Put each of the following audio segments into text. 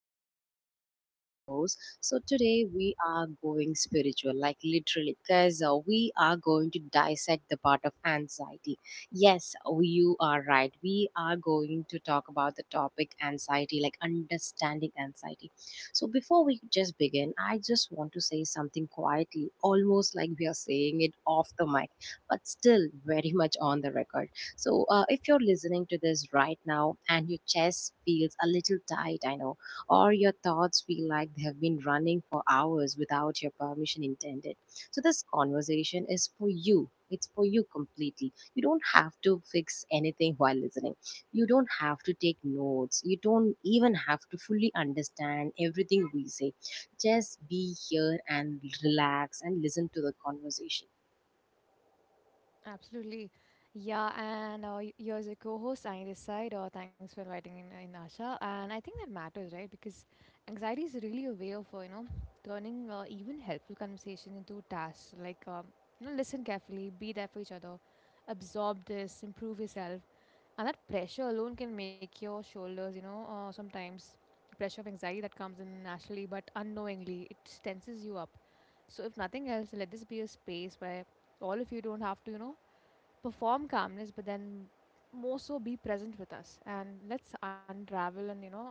have Annie as my co-host. So today we are going spiritual, like literally, because we are going to dissect the part of anxiety. Yes, you are right. We are going to talk about the topic anxiety, like understanding anxiety. So before we just begin, I just want to say something quietly, almost like we are saying it off the mic, but still very much on the record. So, if you're listening to this right now and your chest feels a little tight, I know, or your thoughts feel like they have been running for hours without your permission intended. So, this conversation is for you. It's for you completely. You don't have to fix anything while listening. You don't have to take notes. You don't even have to fully understand everything we say. Just be here and relax and listen to the conversation. Absolutely. Yeah, and you're the co-host, Sunny this side. Thanks for inviting in Asha. And I think that matters, right? Because anxiety is really a way of, turning even helpful conversation into tasks. Like, listen carefully, be there for each other, absorb this, improve yourself. And that pressure alone can make your shoulders, you know, sometimes pressure of anxiety that comes in naturally, but unknowingly, it tenses you up. So if nothing else, let this be a space where all of you don't have to, perform calmness but then more so be present with us, and let's unravel and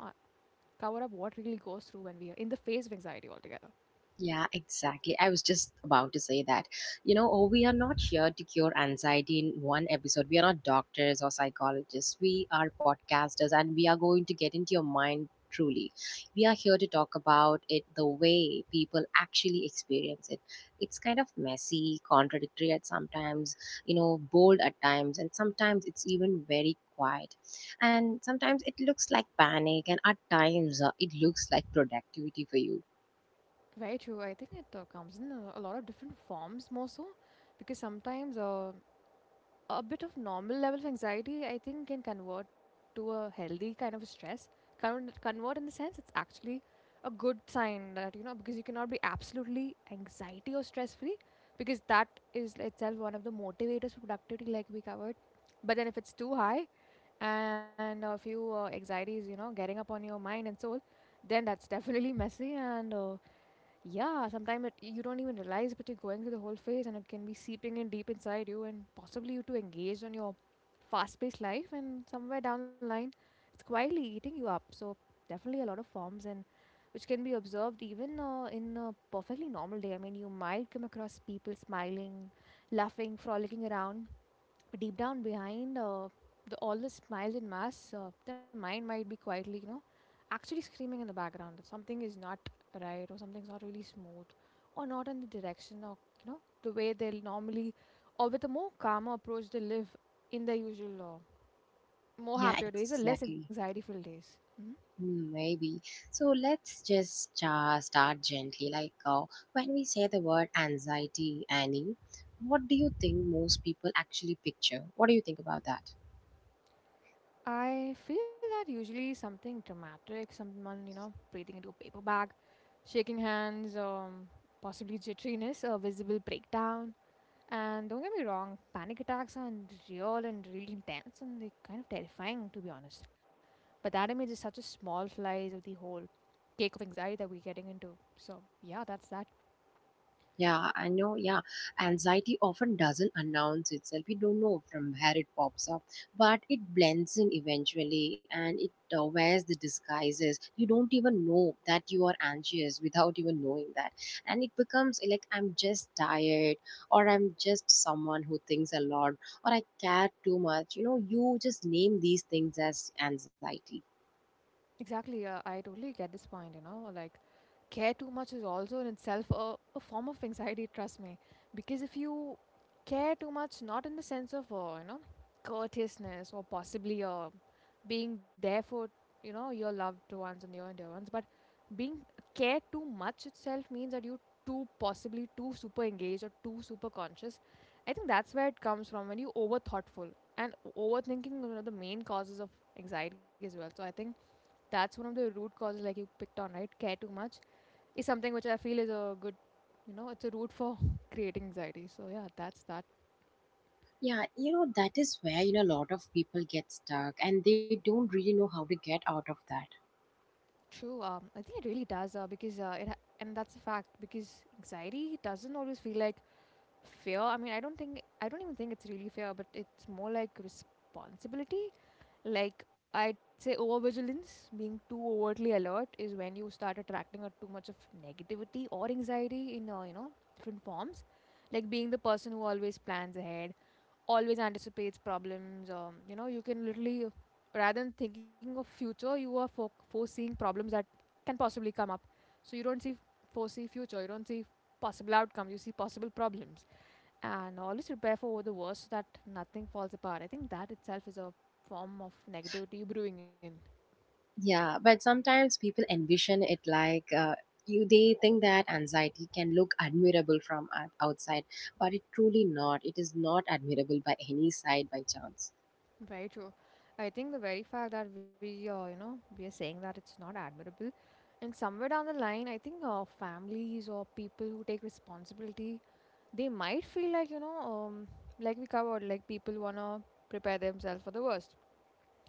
cover up what really goes through when we are in the face of anxiety altogether. Yeah, exactly. I was just about to say that. You know, oh, we are not here to cure anxiety in one episode. We are not doctors or psychologists. We are podcasters and we are going to get into your mind truly. We are here to talk about it the way people actually experience it. It's kind of messy, contradictory at sometimes, you know, bold at times, and sometimes it's even very quiet. And sometimes it looks like panic, and at times it looks like productivity for you. Very true. I think it comes in a lot of different forms, more so because sometimes a bit of normal level of anxiety, I think, can convert to a healthy kind of stress. Convert in the sense, it's actually a good sign that, you know, because you cannot be absolutely anxiety or stress free, because that is itself one of the motivators for productivity, like we covered. But then if it's too high and a few anxieties, you know, getting up on your mind and soul, then that's definitely messy and yeah, sometimes it you don't even realize, but you're going through the whole phase, and it can be seeping in deep inside you, and possibly you too engaged on your fast-paced life, and somewhere down the line, it's quietly eating you up. So definitely a lot of forms, and which can be observed even in a perfectly normal day. I mean, you might come across people smiling, laughing, frolicking around, but deep down behind all the smiles and masks, the mind might be quietly, you know, actually screaming in the background that something is not right, or something's not really smooth or not in the direction, or, you know, the way they'll normally or with a more calmer approach they live in their usual more Yeah, happier days or less exactly. anxiety filled days. Maybe. So let's just start gently. Like when we say the word anxiety, Annie, what do you think most people actually picture? What do you think about that? I feel that usually something dramatic, someone, you know, breathing into a paper bag, shaking hands, possibly jitteriness, a visible breakdown. And don't get me wrong, panic attacks are real and really intense, and they're kind of terrifying, to be honest. But that image is such a small slice of the whole cake of anxiety that we're getting into. So, yeah, that's that. Yeah, I know. Yeah, anxiety often doesn't announce itself. We don't know from where it pops up, but it blends in eventually, and it wears the disguises. You don't even know that you are anxious without even knowing that. And it becomes like, I'm just tired, or I'm just someone who thinks a lot, or I care too much. You know, you just name these things as anxiety. Exactly, I totally get this point, you know, like care too much is also in itself a form of anxiety, trust me. Because if you care too much, not in the sense of, courteousness, or possibly being there for, you know, your loved ones and your dear ones, but being care too much itself means that you too possibly too super engaged or too super conscious. I think that's where it comes from when you over thoughtful, and overthinking is one of the main causes of anxiety as well. So I think that's one of the root causes, like you picked on, right? Care too much is something which I feel is a good, you know, it's a root for creating anxiety. So yeah, that's that. Yeah, that is where, a lot of people get stuck and they don't really know how to get out of that. True. Um, I think it really does. And that's a fact, because anxiety doesn't always feel like fear. I mean, I don't even think it's really fear, but it's more like responsibility. Like, I'd say overvigilance, being too overtly alert is when you start attracting or too much of negativity or anxiety in you know, different forms. Like being the person who always plans ahead, always anticipates problems, you know, you can literally rather than thinking of future, you are foreseeing problems that can possibly come up. So you don't see foresee future, you don't see possible outcomes, you see possible problems and always prepare for the worst so that nothing falls apart. I think that itself is a form of negativity brewing in. Yeah, but sometimes people envision it like you. They think that anxiety can look admirable from outside, but it truly not. It is not admirable by any side by chance. Very true. I think the very fact that we, we are saying that it's not admirable, and somewhere down the line, I think families or people who take responsibility, they might feel like, you know, like we covered, like people wanna prepare themselves for the worst,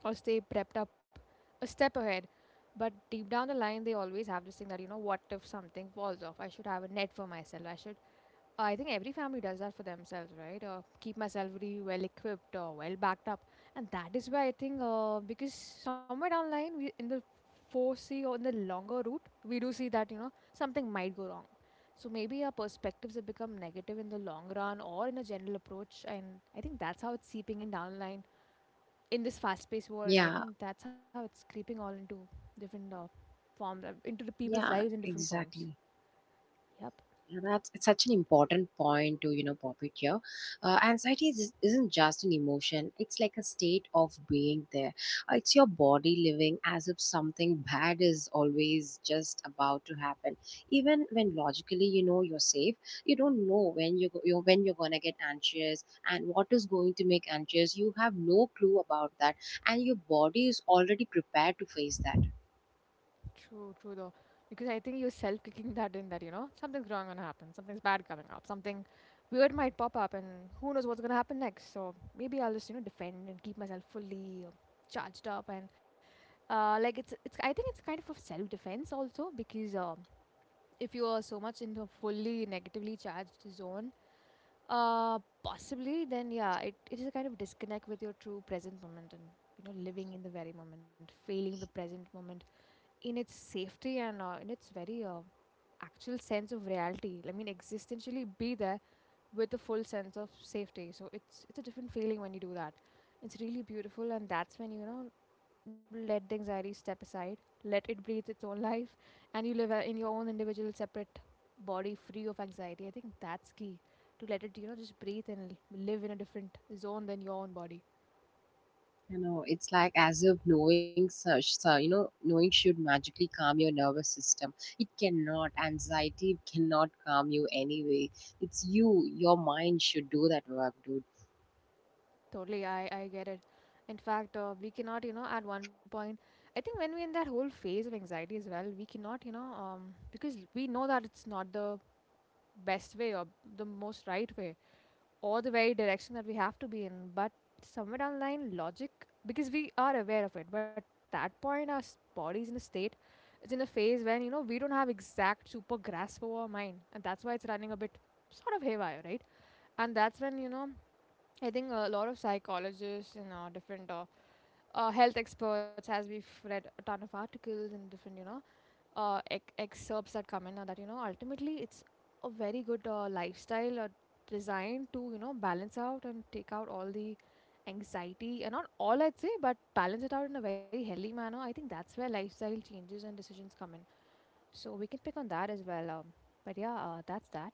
or stay prepped up a step ahead. But deep down the line, they always have this thing that, you know, what if something falls off? I should have a net for myself. I should, I think every family does that for themselves, right? Or keep myself really well equipped or well backed up. And that is why I think, because somewhere down the line, we, in the foresee, or in the longer route, we do see that, you know, something might go wrong. So maybe our perspectives have become negative in the long run or in a general approach. And I think that's how it's seeping in down the line, in this fast-paced world. I Yeah, think that's how it's creeping all into different forms, into the people's yeah, lives in different forms. exactly. Yep. Yeah, That's it's such an important point to pop it here. Anxiety isn't just an emotion; it's like a state of being there. It's your body living as if something bad is always just about to happen. Even when logically you know you're safe, you don't know when you're gonna get anxious and what is going to make anxious. You have no clue about that, and your body is already prepared to face that. True, true though. Because I think you're self kicking that in that, you know, something's wrong gonna happen, something's bad coming up, something weird might pop up, and who knows what's gonna happen next. So maybe I'll just, you know, defend and keep myself fully charged up and uh, like it's I think it's kind of a self defense also, because um, if you are so much in the fully negatively charged zone, uh, possibly, then yeah, it is a kind of disconnect with your true present moment, and you know, living in the very moment, feeling the present moment in its safety and in its very actual sense of reality. I mean, existentially be there with a full sense of safety. So it's a different feeling when you do that. It's really beautiful, and that's when, you know, let the anxiety step aside, let it breathe its own life, and you live in your own individual, separate body free of anxiety. I think that's key to let it, you know, just breathe and live in a different zone than your own body. You know, it's like as if knowing such, so, knowing should magically calm your nervous system. It cannot. Anxiety cannot calm you anyway. It's you, your mind should do that work, dude. Totally, I get it. In fact, we cannot, you know, at one point, I think when we're in that whole phase of anxiety as well, we cannot, you know, because we know that it's not the best way, or the most right way, or the very direction that we have to be in. But somewhere down the line, logic, because we are aware of it, but that point, our body is in a state, it's in a phase when, you know, we don't have exact super grasp over our mind. And that's why it's running a bit sort of haywire, right? And that's when, you know, I think a lot of psychologists and different health experts, as we've read a ton of articles and different, you know, excerpts that come in, that you know, ultimately it's a very good lifestyle designed to, you know, balance out and take out all the anxiety, and not all I'd say, but balance it out in a very healthy manner. I think that's where lifestyle changes and decisions come in. So we can pick on that as well. But yeah, that's that.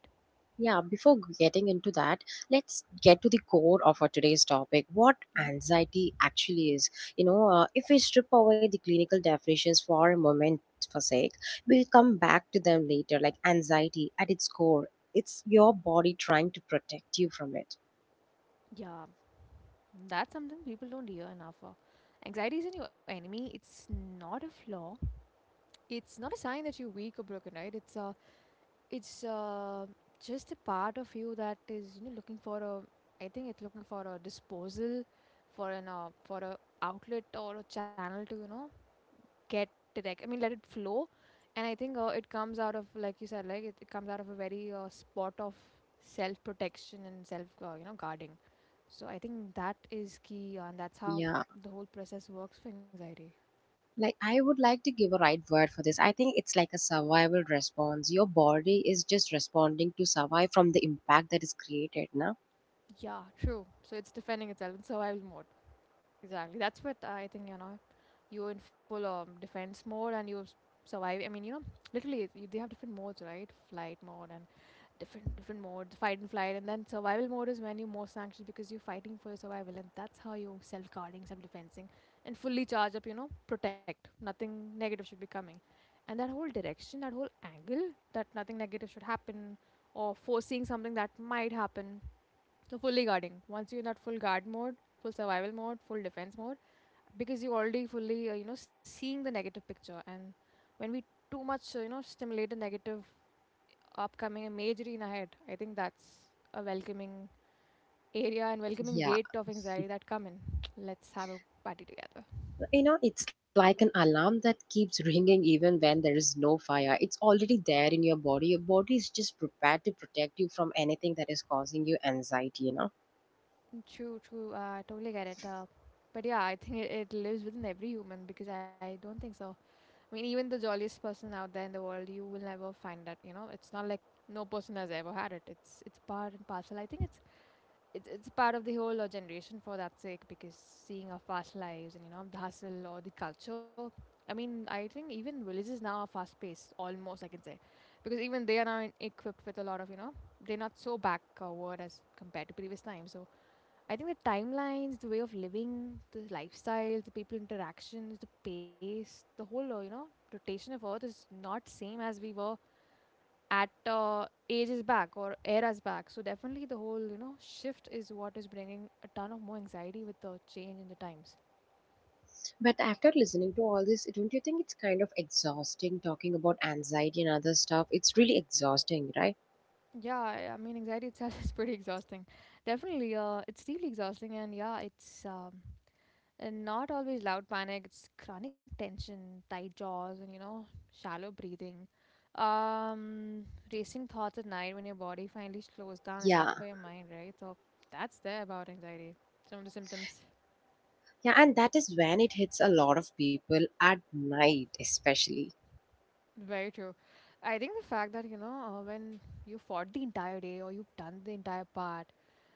Yeah, before getting into that, let's get to the core of our today's topic what Hmm. anxiety actually is. You know, if we strip away the clinical definitions for a moment, for sake, we'll come back to them later. Like anxiety at its core, it's your body trying to protect you from it. Yeah, that's something people don't hear enough. Anxiety isn't your enemy. It's not a flaw. It's not a sign that you're weak or broken, right? It's just a part of you that is, you know, looking for a, I think it's looking for a disposal, for an for a outlet or a channel to, you know, get direct. I mean, let it flow. And I think it comes out of, like you said, like it comes out of a very spot of self protection and self, you know, guarding. So I think that is key, and that's how Yeah, the whole process works for anxiety. like I would like to give a right word for this. I think it's like a survival response. Your body is just responding to survive from the impact that is created, no? Yeah, true. So it's defending itself in survival mode. Exactly. That's what I think, you know. You're in full defense mode, and you survive. I mean, you know, literally, they have different modes, right? Flight mode and different modes, fight and flight. And then survival mode is when you're most anxious, because you're fighting for your survival. And that's how you're self guarding, self defensing, and fully charge up, you know, protect. Nothing negative should be coming. And that whole direction, that whole angle that nothing negative should happen, or foreseeing something that might happen. So, fully guarding. Once you're in that full guard mode, full survival mode, full defense mode because you already fully you know seeing the negative picture and when we too much you know stimulate the negative upcoming imagery in our head. I think that's a welcoming area and welcoming Yeah, gate of anxiety that come in. Let's have a party together. It's like an alarm that keeps ringing even when there is no fire. It's already there in your body. Your body is just prepared to protect you from anything that is causing you anxiety. Mm, true. I totally get it. But yeah, I think it lives within every human, because I don't think so. I mean, even the jolliest person out there in the world, you will never find that, you know. It's not like no person has ever had it. It's part and parcel. I think it's part of the whole generation for that sake, because seeing our fast lives and you know the hustle or the culture. I mean, I think even villages now are fast paced almost, I can say, because even they are now equipped with a lot of, you know, they're not so backward as compared to previous times. So I think the timelines, the way of living, the lifestyles, the people interactions, the pace, the whole you know rotation of earth is not same as we were at ages back or eras back. So definitely the whole you know shift is what is bringing a ton of more anxiety with the change in the times. But after listening to all this, don't you think it's kind of exhausting talking about anxiety and other stuff? It's really exhausting, right? Yeah, I mean anxiety itself is pretty exhausting. Definitely, it's deeply exhausting, and yeah, it's not always loud panic. It's chronic tension, tight jaws, and you know shallow breathing. Um, Racing thoughts at night when your body finally slows down Yeah, enough for your mind, right? So that's there about anxiety. Some of the symptoms. yeah, and that is when it hits a lot of people at night, especially. Very true. I think the fact that, you know, when you fought the entire day or you've done the entire part,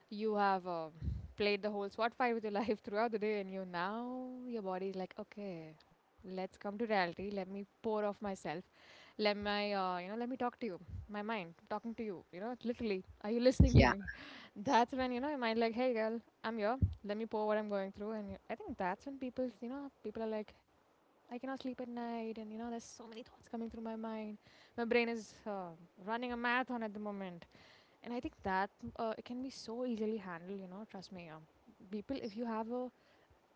you have played the whole SWAT fight with your life throughout the day, and you now your body is like, okay, let's come to reality. Let me pour off myself, let my you know, let me talk to you, my mind talking to you, you know, literally, are you listening to Yeah, me? That's when you know my mind like, hey girl, I'm here, let me pour what I'm going through. I think that's when people, you know, people are like, I cannot sleep at night, and you know there's so many thoughts coming through my mind, my brain is running a marathon at the moment. And I think that it can be so easily handled, you know, trust me. People, if you have a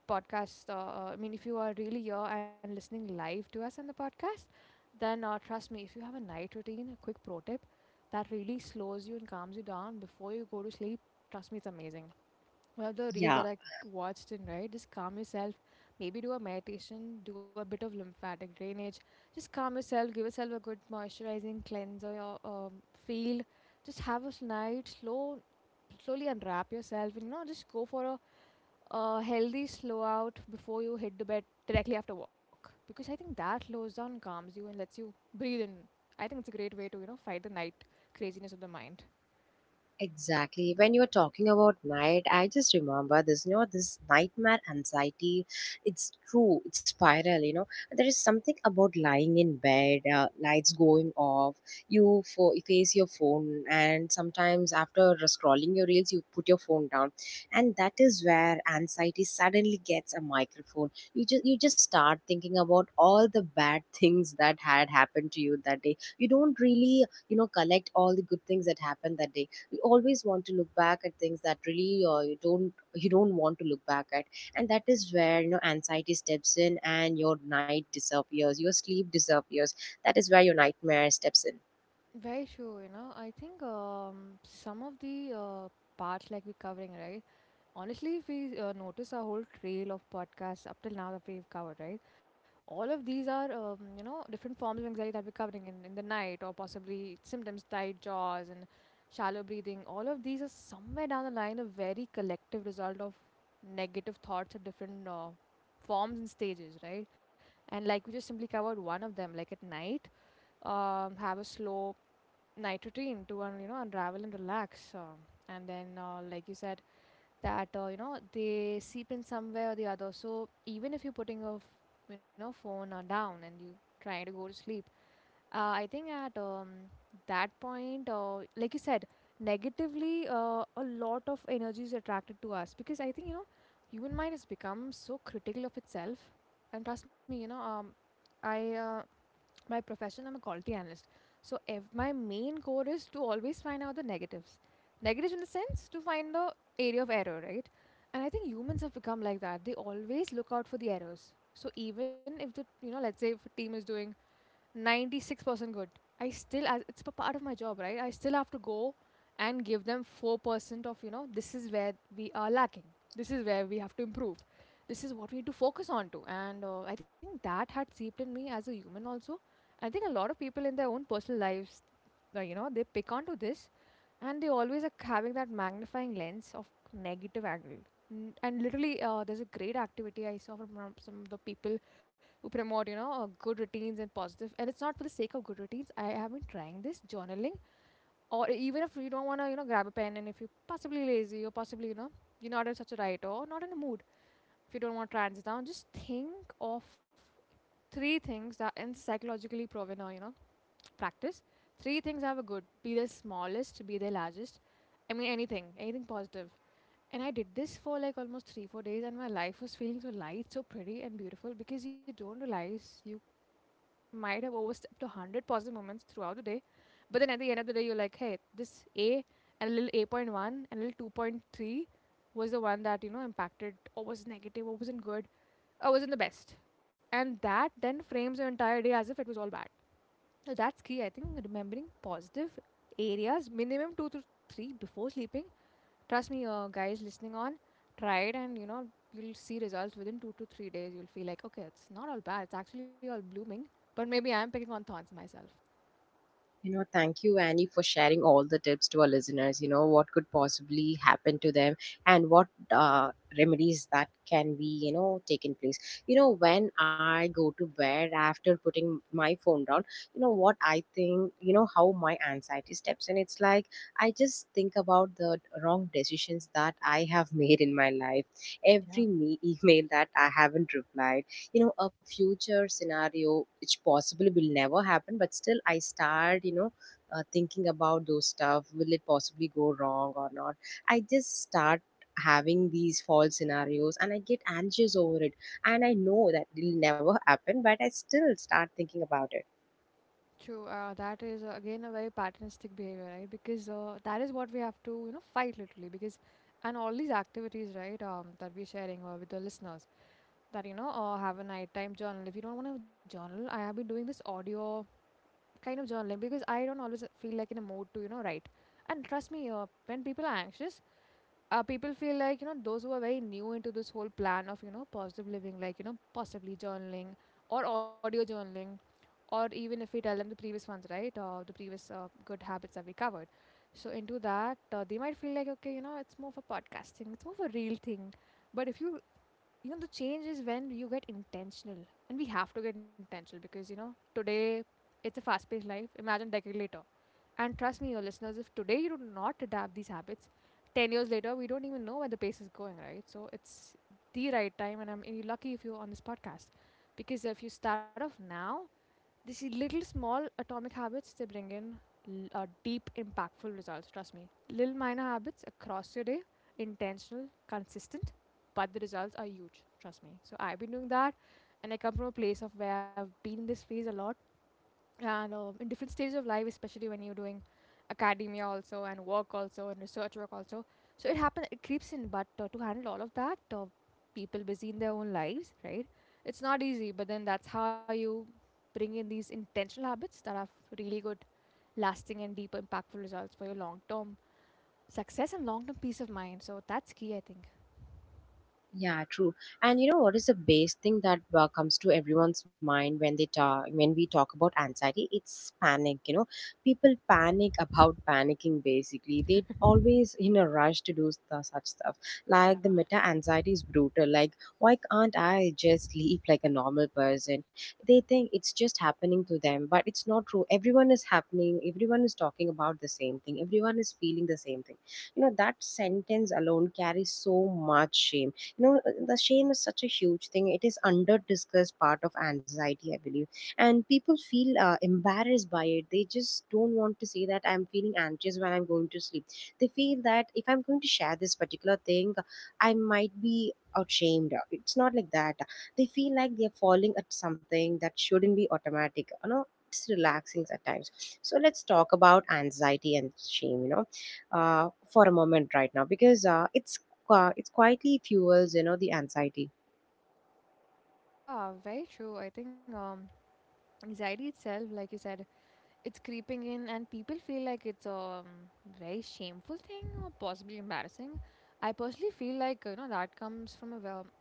podcast, I mean, if you are really here and listening live to us on the podcast, then trust me, if you have a night routine, a quick pro tip that really slows you and calms you down before you go to sleep, trust me, it's amazing. One of the reels that yeah. I watched in, right? Just calm yourself. Maybe do a meditation, do a bit of lymphatic drainage. Just calm yourself, give yourself a good moisturizing cleanser, your feel. Just have a night, slowly unwrap yourself, and you know, just go for a healthy slow out before you hit the bed directly after work, because I think that slows down, calms you, and lets you breathe in. I think it's a great way to you know fight the night craziness of the mind. Exactly. When you were talking about night, I just remember this nightmare anxiety. It's true, it's spiral. There is something about lying in bed, lights going off, you face your phone, and sometimes after scrolling your reels, you put your phone down. And that is where anxiety suddenly gets a microphone. You just start thinking about all the bad things that had happened to you that day. You don't really, collect all the good things that happened that day. You always want to look back at things that really, you don't want to look back at. And that is where, anxiety steps in, and your night disappears, your sleep disappears. That is where your nightmare steps in. Very true. You know, I think some of the parts like we're covering, right? Honestly, if we notice our whole trail of podcasts up till now that we've covered, right? All of these are, you know, different forms of anxiety that we're covering in the night, or possibly symptoms, tight jaws and shallow breathing. All of these are somewhere down the line a very collective result of negative thoughts at different forms and stages, right? And like we just simply covered one of them, like at night, have a slow night routine to, you know, unravel and relax. And then, like you said, that you know they seep in somewhere or the other. So even if you're putting a you know phone down and you trying to go to sleep, I think at that point, like you said, negatively, a lot of energy is attracted to us, because I think you know human mind has become so critical of itself. And trust me, you know, I by profession I'm a quality analyst. So if my main core is to always find out the negatives, negatives in the sense to find the area of error, right? And I think humans have become like that, they always look out for the errors. So even if the you know, let's say if a team is doing 96% good. I still, as it's a part of my job, right? I still have to go and give them 4% of, you know, this is where we are lacking. This is where we have to improve. This is what we need to focus on to. And I think that had seeped in me as a human also. I think a lot of people in their own personal lives, you know, they pick onto this, and they always are having that magnifying lens of negative angle. And literally, there's a great activity I saw from some of the people who promote, you know, good routines and positive. And it's not for the sake of good routines. I have been trying this journaling, or even if you don't want to, you know, grab a pen, and if you're possibly lazy or possibly you know you're not in such a right or not in a mood, if you don't want to write this down, just think of three things that in psychologically proven or you know practice. Three things, have a good, be the smallest, be the largest. I mean, anything, anything positive. And I did this for like almost three, four days, and my life was feeling so light, so pretty, and beautiful, because you don't realize you might have overstepped a hundred positive moments throughout the day, but then at the end of the day, you're like, hey, this A and a little 8.1 and a little 2.3 was the one that you know impacted or was negative or wasn't good or wasn't the best, and that then frames your entire day as if it was all bad. So that's key, I think, remembering positive areas minimum two to three before sleeping. Trust me, guys listening on, try it, and you know, you'll see results within 2 to 3 days. You'll feel like, okay, it's not all bad. It's actually all blooming. But maybe I'm picking on thorns myself. You know, thank you, Annie, for sharing all the tips to our listeners. You know, what could possibly happen to them, and what remedies that can be taken place. You know, when I go to bed after putting my phone down, what I think, how my anxiety steps in. It's like I just think about the wrong decisions that I have made in my life, every Yeah. Email that I haven't replied. You know, a future scenario which possibly will never happen, but still I start thinking about those stuff. Will it possibly go wrong or not? I just start having these false scenarios and I get anxious over it. And I know that it'll never happen, but I still start thinking about it. True. That is again a very patternistic behavior, right? Because that is what we have to, you know, fight literally. Because and all these activities, right, that we're sharing with the listeners, that you know, have a nighttime journal. If you don't want to have a journal, I have been doing this audio kind of journaling because I don't always feel like in a mood to, you know, write. And trust me, when people are anxious, people feel like you know those who are very new into this whole plan of you know positive living, like you know possibly journaling or audio journaling, or even if we tell them the previous ones, right, the previous good habits that we covered, so into that, they might feel like, okay, you know it's more for podcasting, it's more for real thing. But if you, you know, the change is when you get intentional, and we have to get intentional, because you know today it's a fast paced life. Imagine decade later, and trust me, your listeners, if today you do not adapt these habits, 10 years later, we don't even know where the pace is going, right? So it's the right time, and I'm you're lucky if you're on this podcast. Because if you start off now, these little small atomic habits, they bring in deep, impactful results. Trust me. Little minor habits across your day, intentional, consistent, but the results are huge. Trust me. So I've been doing that, and I come from a place of where I've been in this phase a lot and in different stages of life, especially when you're doing academia also and work also and research work also. So it happens, it creeps in, but to handle all of that, people busy in their own lives, right? It's not easy, but then that's how you bring in these intentional habits that have really good, lasting and deep impactful results for your long term success and long term peace of mind. So that's key, I think. Yeah, true. And you know what is the base thing that comes to everyone's mind when they talk when we talk about anxiety? It's panic. You know, people panic about panicking. Basically, they always in a rush to do such stuff. Like the meta anxiety is brutal. Like, why can't I just sleep like a normal person? They think it's just happening to them, but it's not true. Everyone is happening. Everyone is talking about the same thing. Everyone is feeling the same thing. You know, that sentence alone carries so much shame. The shame is such a huge thing, it is under discussed part of anxiety, I believe. And people feel embarrassed by it. They just don't want to say that I'm feeling anxious when I'm going to sleep. They feel that if I'm going to share this particular thing, I might be ashamed. It's not like that. They feel like they're falling at something that shouldn't be automatic. You know, it's relaxing at times. So let's talk about anxiety and shame, for a moment right now, because it's quietly fuels the anxiety. Yeah, very true. I think anxiety itself, like you said, it's creeping in and people feel like it's a very shameful thing or possibly embarrassing. I personally feel like, you know, that comes from a well,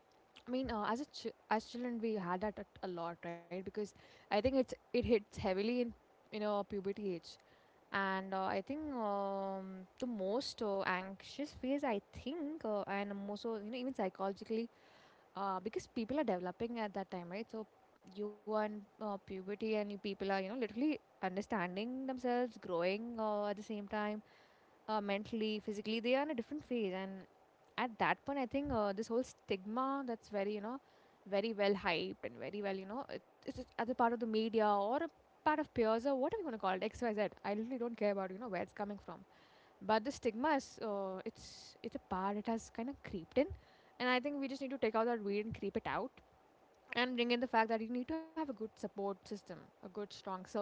I mean, as as children we had that a lot, right? Because I think it's it hits heavily in, you know, puberty age. And I think the most anxious phase, I think, and I'm also, you know, even psychologically, because people are developing at that time, right? So you are in puberty and you people are, you know, literally understanding themselves, growing at the same time, mentally, physically. They are in a different phase. And at that point, I think this whole stigma that's very, you know, very well hyped and very well, you know, it's just as a part of the media or a part of peers or whatever you want to call it, XYZ. I literally don't care about, you know, where it's coming from. But the stigma is, it's a part, it has kind of creeped in. And I think we just need to take out that weed and creep it out and bring in the fact that you need to have a good support system, a good strong circle.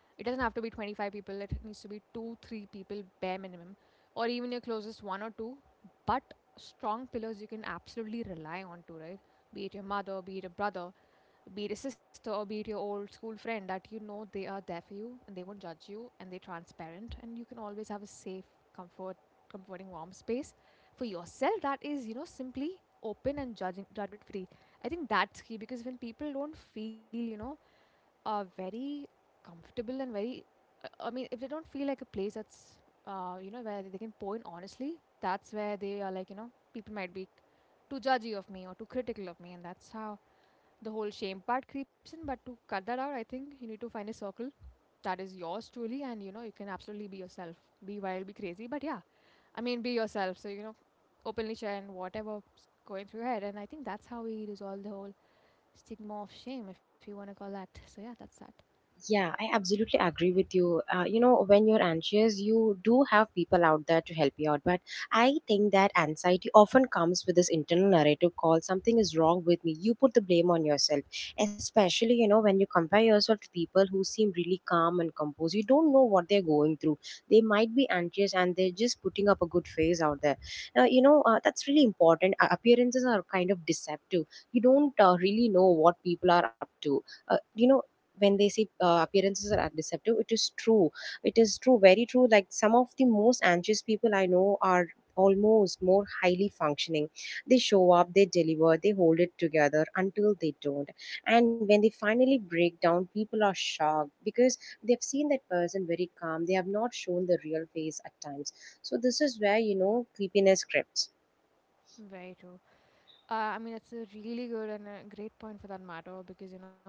It doesn't have to be 25 people, it needs to be two, three people bare minimum, or even your closest one or two, but strong pillars you can absolutely rely on to, right? Be it your mother, be it a brother, be it a sister or be it your old school friend that you know they are there for you and they won't judge you and they're transparent and you can always have a safe comfort comforting warm space for yourself that is, you know, simply open and judging judgment free. I think that's key, because when people don't feel, you know, very comfortable and very, I mean, if they don't feel like a place that's, you know, where they can pour in honestly, that's where they are like, you know, people might be too judgy of me or too critical of me, and that's how the whole shame part creeps in. But to cut that out, I think you need to find a circle that is yours truly, and you know you can absolutely be yourself, be wild, be crazy. But yeah, I mean, be yourself. So you know, openly share and whatever's going through your head. And I think that's how we resolve the whole stigma of shame, if you want to call that. So yeah, that's that. Yeah, I absolutely agree with you. You know, when you're anxious, you do have people out there to help you out. But I think that anxiety often comes with this internal narrative called something is wrong with me. You put the blame on yourself, especially, when you compare yourself to people who seem really calm and composed. You don't know what they're going through. They might be anxious and they're just putting up a good face out there. You know, that's really important. Appearances are kind of deceptive. You don't really know what people are up to. You know, when they say appearances are deceptive, it is true. It is true, very true. Like some of the most anxious people I know are almost more highly functioning. They show up, they deliver, they hold it together until they don't. And when they finally break down, people are shocked because they've seen that person very calm, they have not shown the real face at times. So this is where, creepiness creeps. Very true. I mean, it's a really good and a great point for that matter, because you know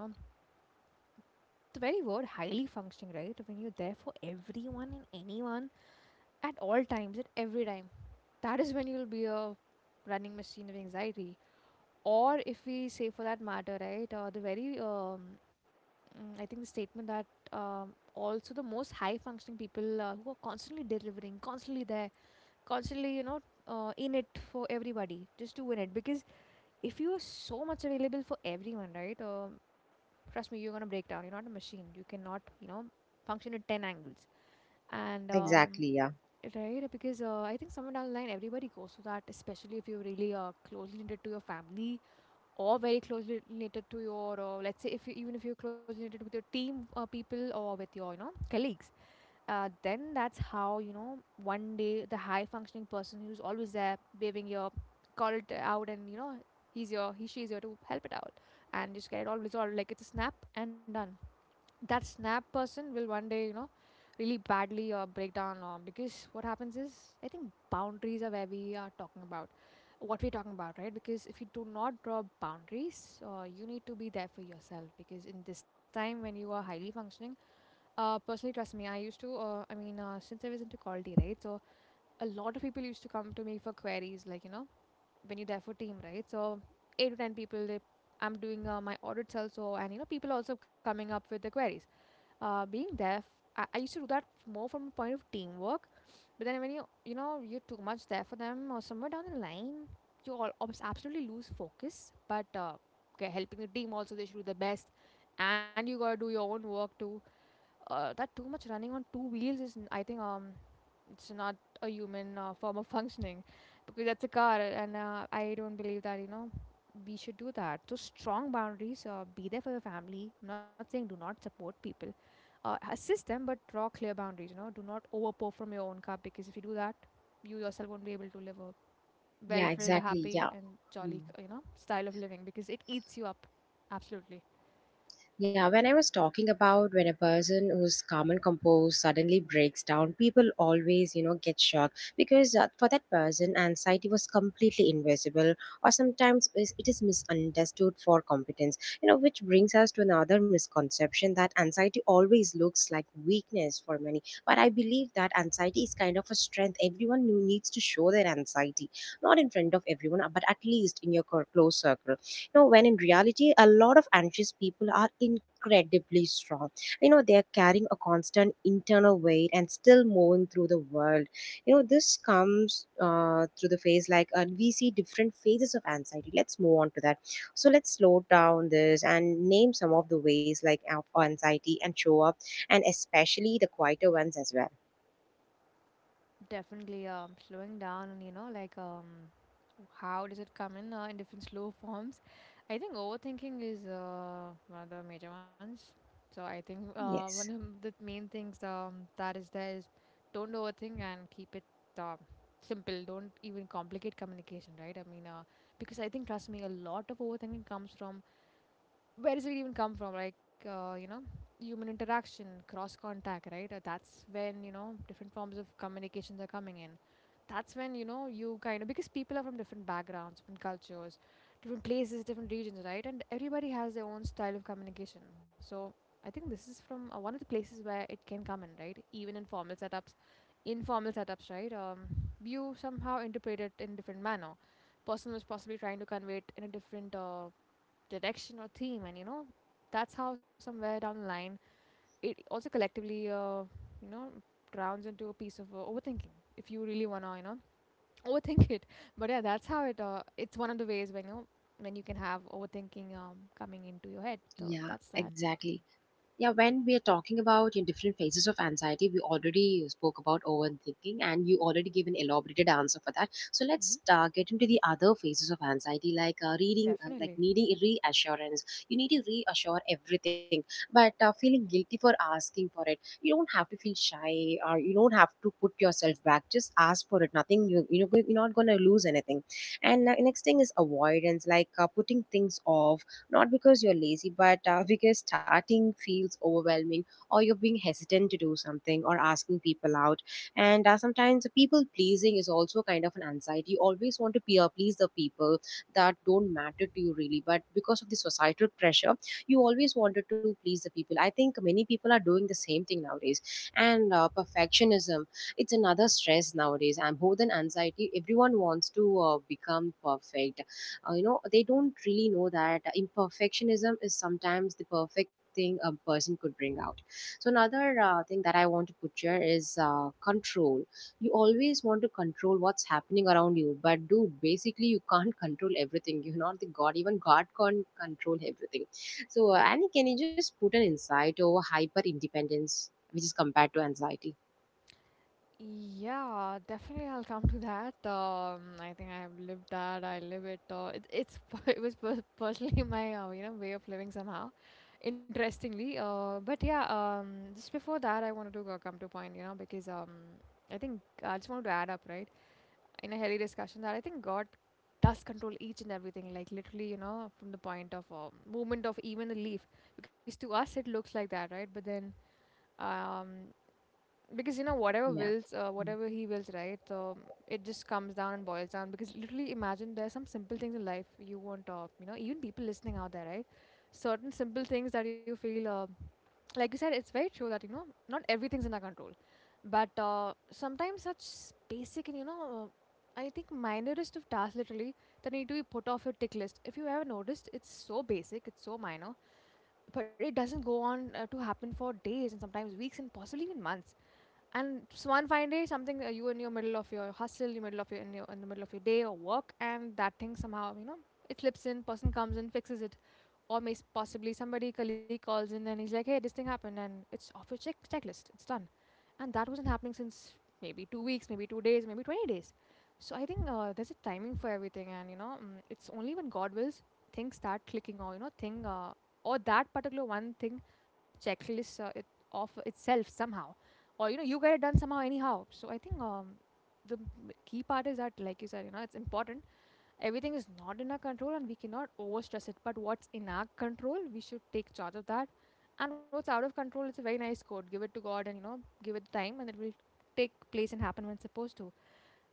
the very word highly functioning, right? When you're there for everyone and anyone at all times, at every time, that is when you'll be a running machine of anxiety. Or if we say, for that matter, right, the very, I think the statement that also the most high functioning people who are constantly delivering, constantly there, constantly, you know, in it for everybody, just to win it. Because if you are so much available for everyone, right, trust me, you're going to break down. You're not a machine. You cannot, you know, function at 10 angles. And Exactly. Yeah, Right, because I think somewhere down the line everybody goes through that, especially if you're really closely related to your family or very closely related to your, let's say, if you, even if you're closely related with your team people or with your, you know, colleagues, then that's how you know one day the high functioning person who's always there behaving your call it out, and you know he's your, he she's here to help it out and just get it all resolved like it's a snap and done. That snap person will one day, you know, really badly, break down, because what happens is, I think, boundaries are where we are talking about what we're talking about, right? Because if you do not draw boundaries, you need to be there for yourself, because in this time when you are highly functioning, personally trust me, I used to, I mean, since I was into quality, right? So a lot of people used to come to me for queries, like, you know, when you're there for team, right? So 8 to 10 people, they, I'm doing, my audits also, and you know people also coming up with the queries, being there. I used to do that more from a point of teamwork, but then when you know, you're too much there for them, or somewhere down the line, you all absolutely lose focus. But okay, helping the team also, they should do the best, and you gotta do your own work too. That too much running on two wheels is I think it's not a human form of functioning, because that's a car. And I don't believe that, you know, we should do that. So strong boundaries, be there for your family. I'm not saying do not support people, assist them, but draw clear boundaries. You know, do not overpour from your own cup, because if you do that, you yourself won't be able to live a well yeah, filled, exactly, yeah. happy and Mm. jolly, you know, style of living, because it eats you up. Absolutely. Yeah, when I was talking about when a person who's calm and composed suddenly breaks down, people always, get shocked because for that person, anxiety was completely invisible, or sometimes it is misunderstood for competence. You know, which brings us to another misconception that anxiety always looks like weakness for many. But I believe that anxiety is kind of a strength. Everyone who needs to show their anxiety, not in front of everyone, but at least in your close circle. You know, when in reality a lot of anxious people are incredibly strong. You know, they're carrying a constant internal weight and still moving through the world. You know, this comes through the phase. We see different phases of anxiety. Let's move on to that. So let's slow down this and name some of the ways of anxiety and show up, and especially the quieter ones as well. Definitely. Slowing down and, you know, like, um, how does it come in different slow forms? I think overthinking is one of the major ones. So I think one of Yes. the main things that is there is don't overthink and keep it uh, simple. Don't even complicate communication, right? I mean, because I think, trust me, a lot of overthinking comes from, where does it even come from, like, you know, human interaction, cross contact, right? That's when you know different forms of communications are coming in, that's when you know you kind of, because people are from different backgrounds, different cultures, different places, different regions, right? And everybody has their own style of communication. So I think this is from, one of the places where it can come in, right? Even in formal setups, informal setups, right? You somehow interpret it in different manner, person was possibly trying to convey it in a different direction or theme, and you know that's how somewhere down the line it also collectively, you know, rounds into a piece of overthinking, if you really want to, you know, overthink it. But yeah, that's how it, it's one of the ways when you know, when you can have overthinking coming into your head. So Yeah, that's that. exactly. Yeah, when we are talking about in different phases of anxiety, we already spoke about overthinking, and you already gave an elaborated answer for that. So Hmm. let's get into the other phases of anxiety, like reading, like Definitely. needing reassurance. You need to reassure everything, but feeling guilty for asking for it. You don't have to feel shy, or you don't have to put yourself back. Just ask for it. Nothing. You know you're not gonna lose anything. And next thing is avoidance, like putting things off not because you're lazy but because starting feels overwhelming, or you're being hesitant to do something or asking people out. And sometimes people pleasing is also kind of an anxiety. You always want to peer please the people that don't matter to you really, but because of the societal pressure, you always wanted to please the people. I think many people are doing the same thing nowadays. And perfectionism, it's another stress nowadays, and more than anxiety everyone wants to become perfect. You know, they don't really know that imperfectionism is sometimes the perfect thing a person could bring out. So another thing that I want to put here is control. You always want to control what's happening around you, but dude, basically you can't control everything. You're not the god. Even god can't control everything. So Annie, can you just put an insight over hyper independence, which is compared to anxiety? Yeah, definitely, I'll come to that. I think I've lived that. I live it. It it's it was personally my, you know, way of living somehow. Interestingly, but yeah, just before that, I wanted to, come to a point, you know, because, I think I just wanted to add up, right, in a healthy discussion, that I think God does control each and everything, like literally, you know, from the point of movement of even a leaf, because to us it looks like that, right? But then, um because you know whatever Yeah. wills, Mm, whatever he wills, right, it just comes down and boils down. Because literally imagine there's some simple things in life you want, you know, even people listening out there, right? Certain simple things that you feel, like you said, it's very true that you know not everything's in our control. But sometimes such basic and you know I think minorest of tasks, literally, that need to be put off your tick list, if you ever noticed, it's so basic, it's so minor, but it doesn't go on to happen for days and sometimes weeks and possibly even months. And one fine day, something, you in your middle of your hustle, in the middle of your in the middle of your day or work, and that thing somehow, you know, it slips in. Person comes and fixes it, or may possibly somebody colleague calls in and he's like, "Hey, this thing happened," and it's off your checklist. It's done, and that wasn't happening since maybe 2 weeks, maybe 2 days, maybe 20 days. So I think there's a timing for everything, and you know it's only when God wills things start clicking. Or you know thing or that particular one thing checklist it of itself somehow, or you know you get it done somehow anyhow. So I think the key part is that, like you said, you know, it's important. Everything is not in our control, and we cannot overstress it, but what's in our control we should take charge of. That and what's out of control, it's a very nice quote, give it to God, and you know give it time and it will take place and happen when it's supposed to.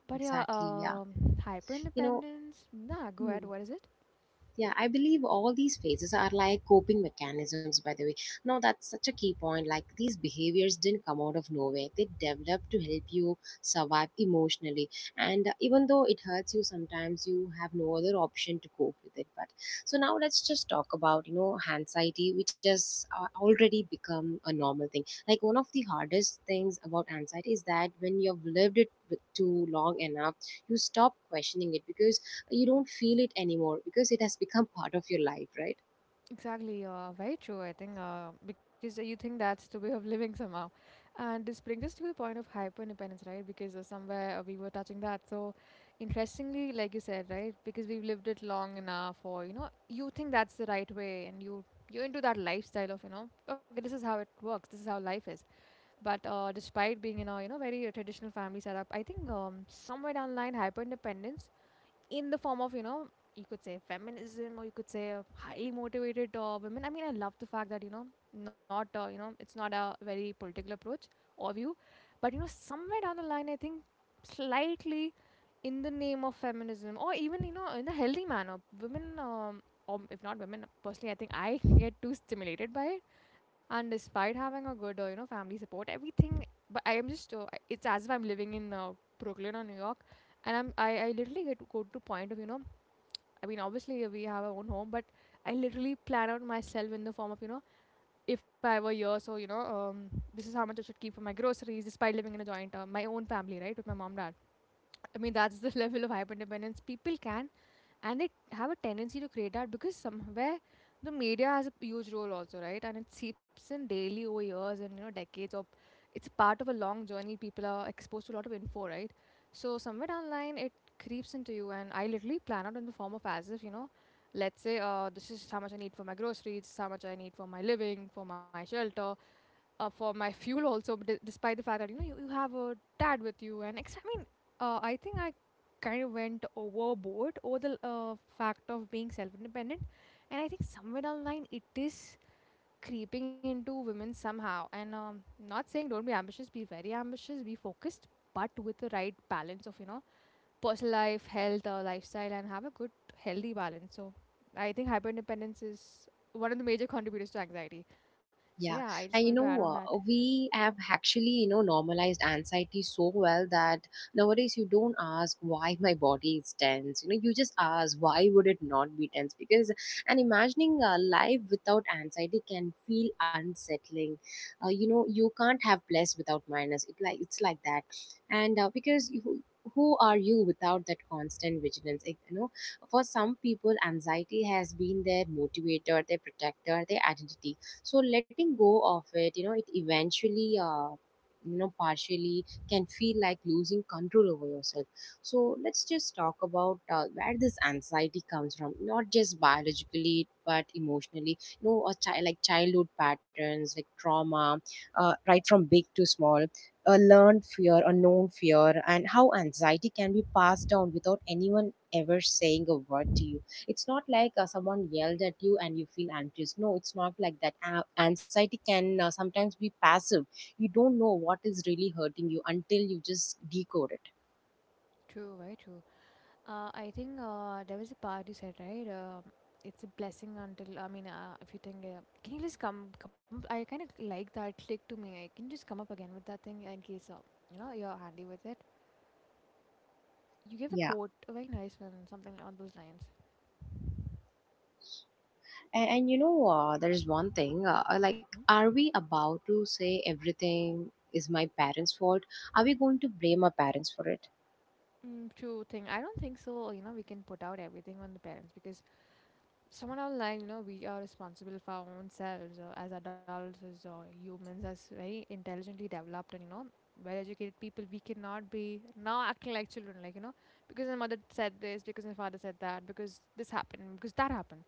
But yeah, exactly, yeah, hyper you know. independence, nah, go ahead, Hmm. what is it? Yeah, I believe all these phases are like coping mechanisms, by the way. Now, that's such a key point. Like, these behaviors didn't come out of nowhere, they developed to help you survive emotionally. And even though it hurts you sometimes, you have no other option to cope with it. But so now let's just talk about, you know, anxiety, which has already become a normal thing. Like, one of the hardest things about anxiety is that when you've lived it too long enough, you stop questioning it because you don't feel it anymore, because it has become part of your life, right? Exactly, very true, I think, because you think that's the way of living somehow. And this brings us to the point of hyper independence, right? Because somewhere we were touching that. So, interestingly, like you said, right? Because we've lived it long enough, or you know, you think that's the right way, and you're into that lifestyle of, you know, okay, this is how it works, this is how life is. But despite being in a, you know, very traditional family setup, I think somewhere down the line, hyper independence in the form of, you know, you could say feminism, or you could say highly motivated women. I mean, I love the fact that you know not you know, it's not a very political approach or view, but you know somewhere down the line I think slightly, in the name of feminism, or even you know in a healthy manner, women or if not women personally, I think I get too stimulated by it. And despite having a good you know, family support everything, but I am just it's as if I'm living in Brooklyn or New York. And I literally get to go to point of, you know, I mean, obviously we have our own home, but I literally plan out myself in the form of, you know, if I were here, so you know, um, this is how much I should keep for my groceries, despite living in a joint, my own family, right, with my mom, dad. I mean, that's the level of hyper dependence people can, and they have a tendency to create, that because somewhere the media has a huge role also, right? And it seeps in daily over years, and you know, decades. Or it's part of a long journey, people are exposed to a lot of info, right? So somewhere down the line, it creeps into you, and I literally plan out in the form of, as if, you know, let's say, this is how much I need for my groceries, this is how much I need for my living, for my shelter, for my fuel also, despite the fact that you know you have a dad with you, and I mean, I think I kind of went overboard over the fact of being self-independent. And I think somewhere down the line, it is creeping into women somehow. And not saying don't be ambitious, be very ambitious, be focused, but with the right balance of, you know, personal life, health, lifestyle, and have a good healthy balance. So I think hyper independence is one of the major contributors to anxiety. So yeah, Yeah, I just wanted to and you add know on that. what? We have actually, you know, normalized anxiety so well that nowadays you don't ask why my body is tense. You know, you just ask why would it not be tense? Because and imagining a life without anxiety can feel unsettling. You know, you can't have plus without minus. It like it's like that, and because you. Who are you without that constant vigilance? Like, you know, for some people, anxiety has been their motivator, their protector, their identity. So letting go of it, you know, it eventually you know, partially can feel like losing control over yourself. So let's just talk about where this anxiety comes from, not just biologically but emotionally. You know, a childhood patterns, like trauma, right from big to small, a learned fear, a known fear, and how anxiety can be passed down without anyone ever saying a word to you. It's not like someone yelled at you and you feel anxious. No, it's not like that. Anxiety can sometimes be passive. You don't know what is really hurting you until you just decode it. True, very true. I think there was a part you said, right? It's a blessing until, I mean, if you think, can you just come? Come, I kind of like that. Click to me. Can you just come up again with that thing, in case you know, you're handy with it? You gave a Yeah, quote, a very nice one, something on those lines. and you know, there is one thing. Like, Hmm. are we about to say everything is my parents' fault? Are we going to blame our parents for it? Mm, true thing. I don't think so. You know, we can put out everything on the parents, because someone else, like you know, we are responsible for our own selves, as adults, as humans, as very intelligently developed and you know well educated people. We cannot be now acting like children, like, you know, because my mother said this, because my father said that, because this happened, because that happened.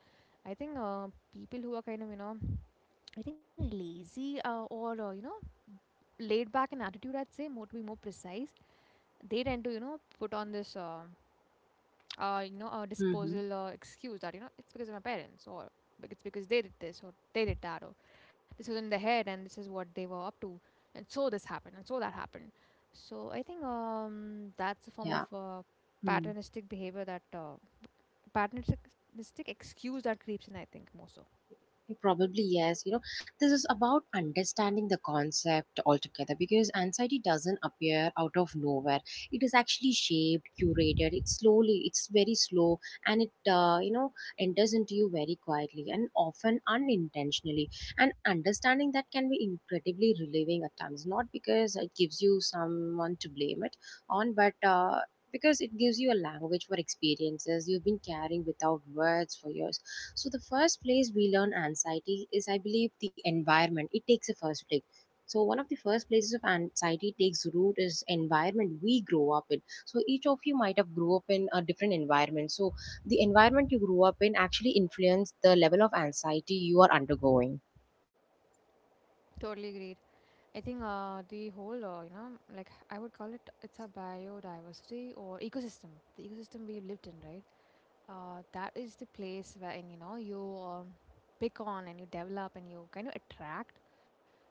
I think people who are kind of, you know, I think lazy, or you know, laid back in attitude, I'd say, more to be more precise, they tend to, you know, put on this you know, a Hmm. disposal, excuse, that, you know, it's because of my parents, or it's because they did this, or they did that, or this was in their head, and this is what they were up to, and so this happened, and so that happened. So I think that's a form of Yeah. Mm. patternistic behavior, that patternistic excuse, that creeps in, I think, more so. Probably, yes. You know, this is about understanding the concept altogether because anxiety doesn't appear out of nowhere. It is actually shaped, curated. It's slowly, it's very slow, and it, you know, enters into you very quietly and often unintentionally. And understanding that can be incredibly relieving at times, not because it gives you someone to blame it on, but because it gives you a language for experiences you've been carrying without words for years. So the first place we learn anxiety is, I believe, the environment. It takes a first place. So one of the first places of anxiety takes root is environment we grow up in. So each of you might have grew up in a different environment. So the environment you grew up in actually influence the level of anxiety you are undergoing. Totally agreed. I think the whole, you know, like I would call it, it's a biodiversity or ecosystem, the ecosystem we lived in, right? That is the place where, you know, you pick on, and you develop, and you kind of attract,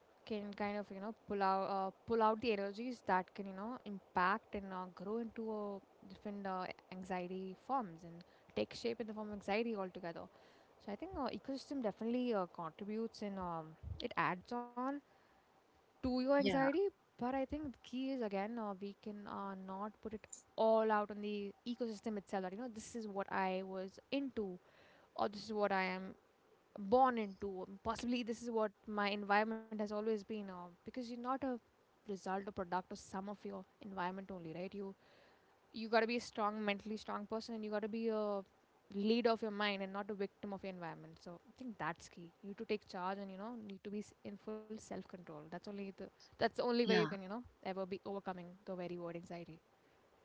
can kind of, you know, pull out, pull out the energies that can, you know, impact and grow into different anxiety forms, and take shape in the form of anxiety altogether. So I think ecosystem definitely contributes, and it adds on to your Yeah, anxiety. But I think the key is, again, we can not put it all out on the ecosystem itself, that, you know, this is what I was into, or this is what I am born into. Possibly this is what my environment has always been. Because you're not a result or product or sum of your environment only, right? You got to be a strong, mentally strong person, and you got to be a leader of your mind and not a victim of your environment. So I think that's key. You need to take charge, and you know, need to be in full self control. That's the only way yeah. you can, you know, ever be overcoming the very word anxiety.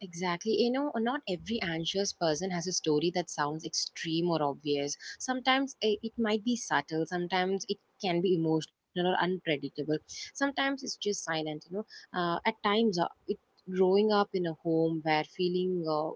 Exactly. You know, not every anxious person has a story that sounds extreme or obvious. Sometimes it might be subtle, sometimes it can be emotional or unpredictable. Sometimes it's just silent, you know. At times, it growing up in a home where feeling uh,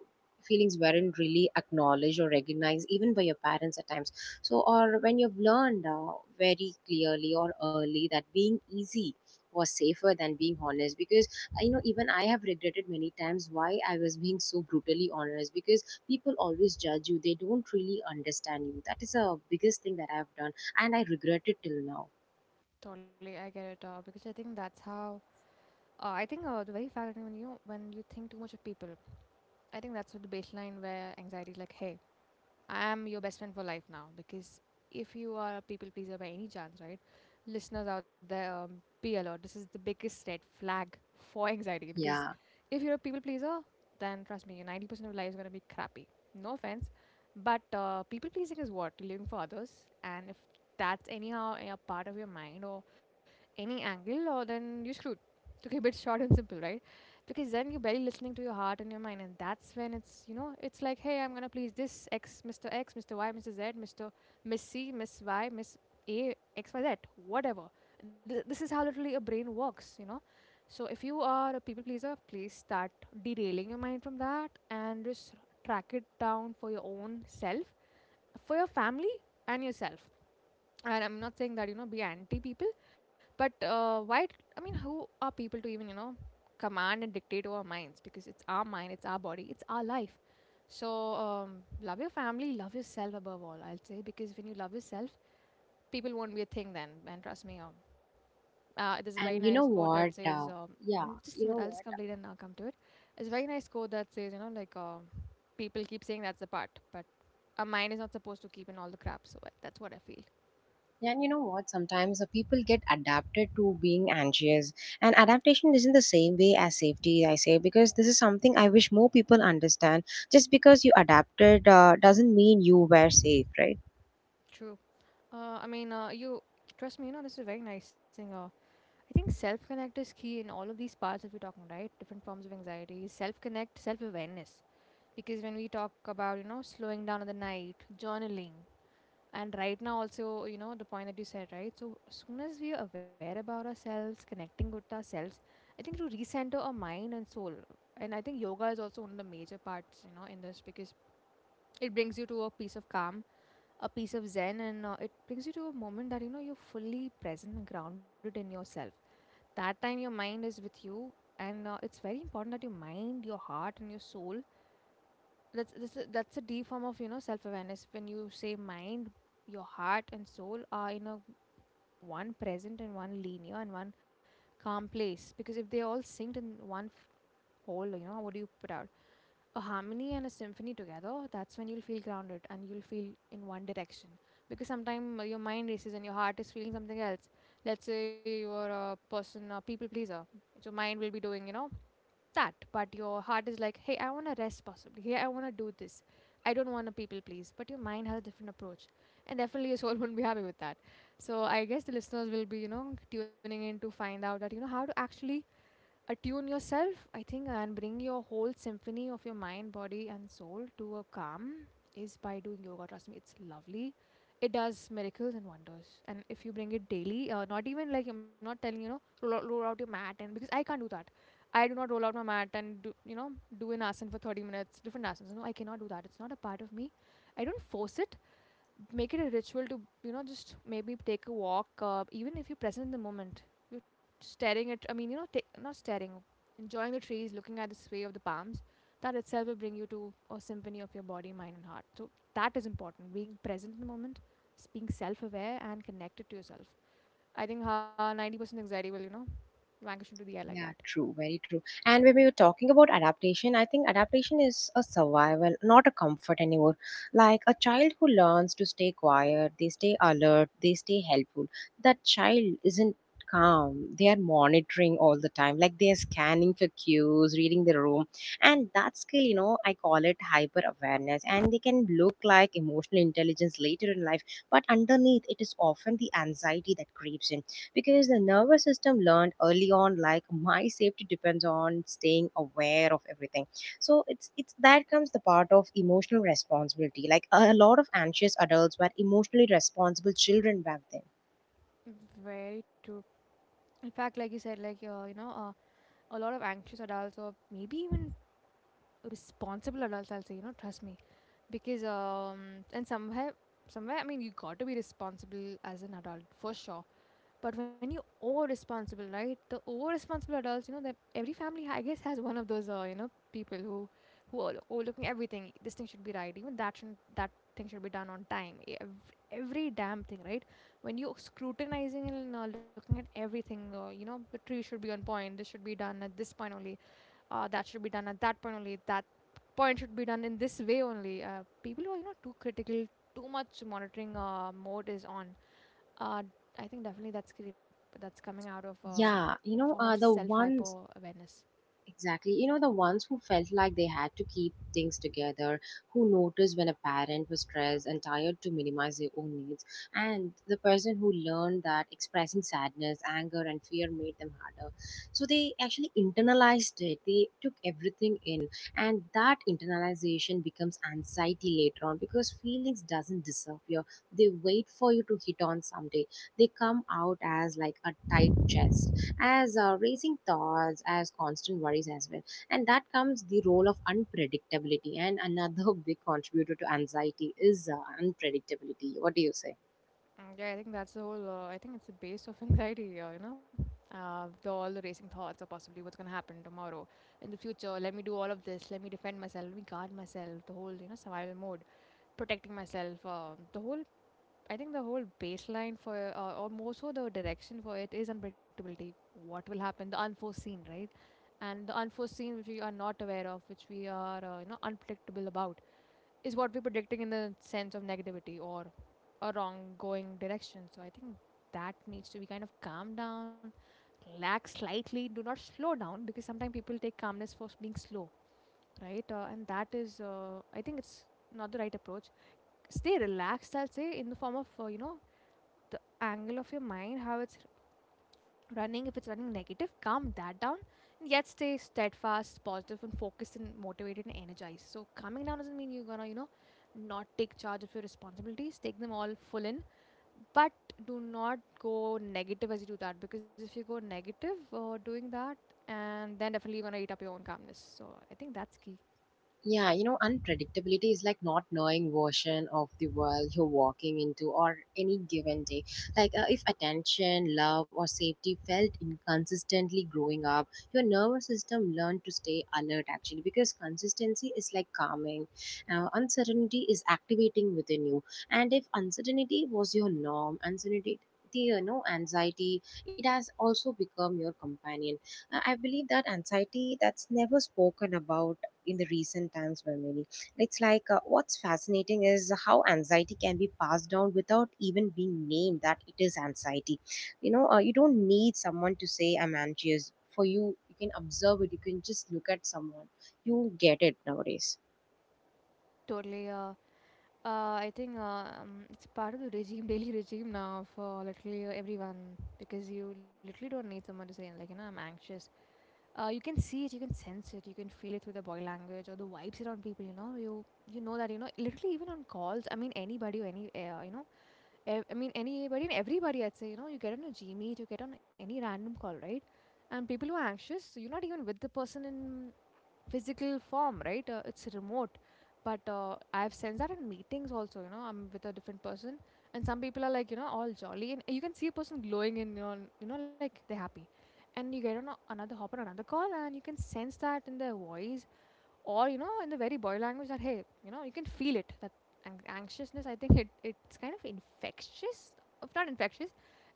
feelings weren't really acknowledged or recognized even by your parents at times. So or when you've learned very clearly or early that being easy was safer than being honest. Because you know, even I have regretted many times why I was being so brutally honest, because people always judge you, they don't really understand you. That is the biggest thing that I've done, and I regret it till now. Totally, I get it. Because I think that's how, I think the very fact that, when you know, when you think too much of people, I think that's what the baseline where anxiety is like, hey, I am your best friend for life now. Because if you are a people pleaser by any chance, right? Listeners out there, be alert. This is the biggest red flag for anxiety. Because Yeah. if you're a people pleaser, then trust me, your 90% of life is going to be crappy. No offense. But people pleasing is what? Living for others. And if that's anyhow a part of your mind, or any angle, or then you're screwed. To keep it short and simple, right? Because then you're barely listening to your heart and your mind, and that's when it's, you know, it's like, hey, I'm gonna please this X, Mr. X, Mr. Y, Mr. Z, Mr. Miss C, Miss Y, Miss A, X, Y, Z, whatever. This is how literally a brain works, you know. So if you are a people pleaser, please start derailing your mind from that, and just track it down for your own self, for your family, and yourself. And I'm not saying that, you know, be anti people, but why, I mean, who are people to even, you know, command and dictate over our minds? Because it's our mind, it's our body, it's our life. So, love your family, love yourself above all, I'll say, because when you love yourself, people won't be a thing then. And trust me, there's a very and nice you know quote that what says, mm, yeah just a you minute, know I'll just what complete and I'll come to it. It's a very nice quote that says, you know, like, people keep saying that's the part, but a mind is not supposed to keep in all the crap. So that's what I feel. And you know what, sometimes the people get adapted to being anxious, and adaptation isn't the same way as safety, I say, because this is something I wish more people understand. Just because you adapted doesn't mean you were safe, right? True. I mean, you trust me, you know, this is a very nice thing. I think self connect is key in all of these parts that we're talking, right? Different forms of anxiety, self connect, self awareness. Because when we talk about, you know, slowing down in the night, journaling, and right now also, you know, the point that you said, right? So, soon as we are aware about ourselves, connecting with ourselves, I think to recenter our mind and soul. And I think yoga is also one of the major parts, you know, in this because it brings you to a peace of calm, a piece of zen, and it brings you to a moment that you know you're fully present and grounded in yourself. That time your mind is with you, and it's very important that your mind, your heart, and your soul, that's a deep form of, you know, self awareness. When you say mind, your heart and soul are in a one present and one linear and one calm place, because if they all synced in one whole, you know, what do you put out? A harmony and a symphony together, that's when you'll feel grounded and you'll feel in one direction. Because sometimes your mind races and your heart is feeling something else. Let's say you're a person, a people pleaser. Your mind will be doing, you know, that. But your heart is like, hey, I want to rest possibly. Hey, I want to do this. I don't want to people please. But your mind has a different approach. And definitely your soul won't be happy with that. So I guess the listeners will be, you know, tuning in to find out that, you know, how to actually attune yourself, I think, and bring your whole symphony of your mind, body, and soul to a calm is by doing yoga. Trust me, it's lovely. It does miracles and wonders. And if you bring it daily, not even like, I'm not telling, you know, roll out your mat, and because I can't do that. I do not roll out my mat and do, you know, do an asana for 30 minutes, different asanas. No, I cannot do that. It's not a part of me. I don't force it, make it a ritual to, you know, just maybe take a walk, even if you're present in the moment. You're staring at, I mean, you know, take, not staring, enjoying the trees, looking at the sway of the palms. That itself will bring you to a symphony of your body, mind, and heart. So that is important, being present in the moment, being self-aware and connected to yourself. I think 90% anxiety will, you know, vanish into the air like that. Yeah, true, very true. And when we were talking about adaptation, I think adaptation is a survival, not a comfort anymore. Like a child who learns to stay quiet, they stay alert, they stay helpful. That child isn't calm. They are monitoring all the time. Like they are scanning for cues, reading the room. And that skill, you know, I call it hyper awareness. And they can look like emotional intelligence later in life. But underneath, it is often the anxiety that creeps in because the nervous system learned early on like my safety depends on staying aware of everything. So it's that comes the part of emotional responsibility, like a lot of anxious adults were emotionally responsible children back then. Very true. In fact, like you said, like a lot of anxious adults or maybe even responsible adults, I'll say, you know, trust me, because and somewhere, I mean, you got to be responsible as an adult for sure. But when you over responsible, right, the over responsible adults, you know, that every family I guess has one of those, you know, people who are overlooking everything. This thing should be right, even that shouldn't, that thing should be done on time, every damn thing, right? When you scrutinizing and, looking at everything, you know, the tree should be on point, this should be done at this point only, that should be done at that point only, that point should be done in this way only. People who are, you know, too critical, too much monitoring mode is on. uh, I think definitely that's that's coming out of, Yeah, a you form know, of the self hyper ones awareness. Exactly. You know, the ones who felt like they had to keep things together, who noticed when a parent was stressed and tired to minimize their own needs, and the person who learned that expressing sadness, anger, and fear made them harder. So they actually internalized it, they took everything in, and that internalization becomes anxiety later on because feelings doesn't disappear. They wait for you to hit on someday. They come out as like a tight chest, as racing thoughts, as constant worries as well. And that comes the role of unpredictability. And another big contributor to anxiety is unpredictability. What do you say? Mm, yeah, I think that's the whole I think it's the base of anxiety, the, all the racing thoughts of possibly what's going to happen tomorrow, in the future. Let me do all of this, let me defend myself, let me guard myself, the whole, you know, survival mode, protecting myself. The whole, I think the whole baseline for, or more so the direction for it, is unpredictability. What will happen, the unforeseen, right? And the unforeseen, which we are not aware of, which we are, you know, unpredictable about, is what we're predicting in the sense of negativity or a wrong going direction. So I think that needs to be kind of calmed down, relax slightly. Do not slow down, because sometimes people take calmness for being slow, right? And that is, I think it's not the right approach. Stay relaxed, I'll say, in the form of, you know, the angle of your mind, how it's running. If it's running negative, calm that down, and yet stay steadfast, positive, and focused and motivated and energized. So, calming down doesn't mean you're gonna, you know, not take charge of your responsibilities, take them all full in, but do not go negative as you do that, because if you go negative doing that, and then definitely you're gonna eat up your own calmness. So, I think that's key. Yeah, you know, unpredictability is like not knowing version of the world you're walking into or any given day. Like if attention, love, or safety felt inconsistently growing up, your nervous system learned to stay alert actually, because consistency is like calming. Uncertainty is activating within you, and if uncertainty was your norm, uncertainty, you know, anxiety, it has also become your companion. I believe that anxiety that's never spoken about in the recent times by many. It's like what's fascinating is how anxiety can be passed down without even being named that it is anxiety. You know, you don't need someone to say I'm anxious. For you, you can observe it. You can just look at someone. You get it nowadays. Totally. I think it's part of the regime, daily regime now for literally everyone, because you literally don't need someone to say like, you know, I'm anxious. You can see it, you can sense it, you can feel it through the body language or the vibes around people. You know, you know that, you know, literally even on calls. I mean anybody or any you know, I mean anybody and everybody. I'd say, you know, you get on a G meet, you get on any random call, right? And people who are anxious, so you're not even with the person in physical form, right? It's remote. But I've sensed that in meetings also, you know, I'm with a different person, and some people are like, you know, all jolly, and you can see a person glowing in your, you know, like they're happy. And you get on another hop on another call, and you can sense that in their voice or, you know, in the very boy language that, hey, you know, you can feel it. That anxiousness, I think it's kind of infectious, if not infectious,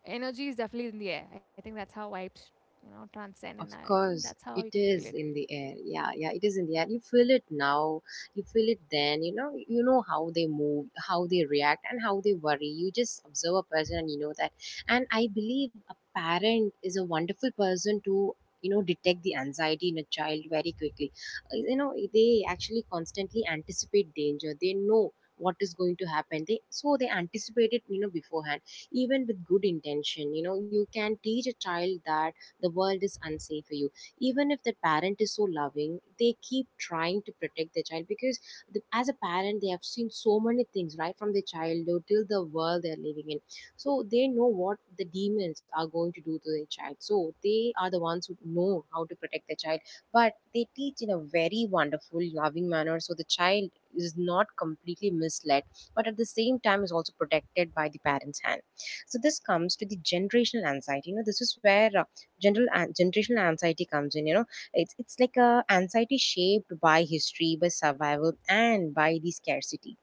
energy is definitely in the air. I think that's how vibes, you know, transcend, and Of I think course, that's how you it can feel it. is in the air. Yeah, yeah, it is in the air. You feel it now, you feel it then, you know how they move, how they react, and how they worry. You just observe a person and you know that. And I believe a parent is a wonderful person to detect the anxiety in a child very quickly. They actually constantly anticipate danger. They know what is going to happen, they they anticipate it, beforehand. Even with good intention, you know you can teach a child that the world is unsafe for you, even if the parent is so loving. They keep trying to protect their child because as a parent, they have seen so many things right from their childhood till the world they're living in. So they know what the demons are going to do to their child, so they are the ones who know how to protect their child. But they teach in a very wonderful loving manner, so the child is not completely misled, but at the same time is also protected by the parents hand. So this comes to the generational anxiety. You know, this is where generational anxiety comes in, you know. It's like a anxiety shaped by history, by survival, and by the scarcity.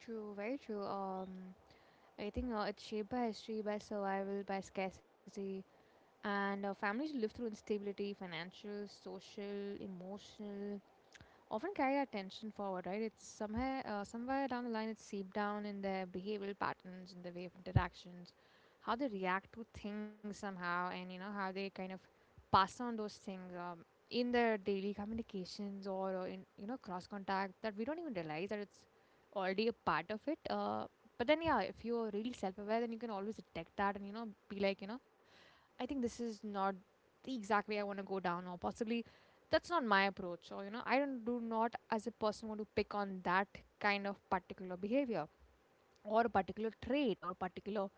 True, very true. I think it's shaped by history, by survival, by scarcity, and families live through instability, financial, social, emotional, often carry that tension forward, right? It's somewhere, somewhere down the line, it's seeped down in their behavioral patterns, in their way of interactions, how they react to things somehow, and you know how they kind of pass on those things, in their daily communications, or in, you know, cross contact, that we don't even realize that it's already a part of it. But then yeah, if you're really self-aware, then you can always detect that, and you know, be like, you know, I think this is not the exact way I want to go down, or possibly that's not my approach. Or, you know, I don't, do not as a person want to pick on that kind of particular behavior, or a particular trait, or particular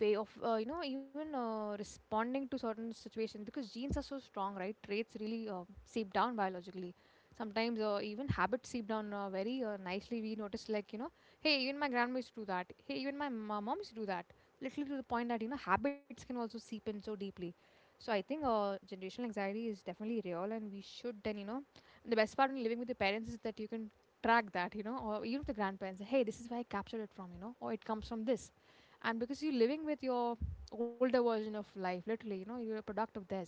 way of, you know, even responding to certain situations, because genes are so strong, right? Traits really seep down biologically sometimes, even habits seep down very nicely, we notice, like, you know, hey, even my grandma used to do that, hey, even my mom used to do that, literally to the point that, you know, habits can also seep in so deeply. So I think generational anxiety is definitely real, and we should then, you know, the best part in living with the parents is that you can track that, you know, or even with the grandparents, hey, this is where I captured it from, you know, or it comes from this. And because you're living with your older version of life, literally, you know, you're a product of theirs,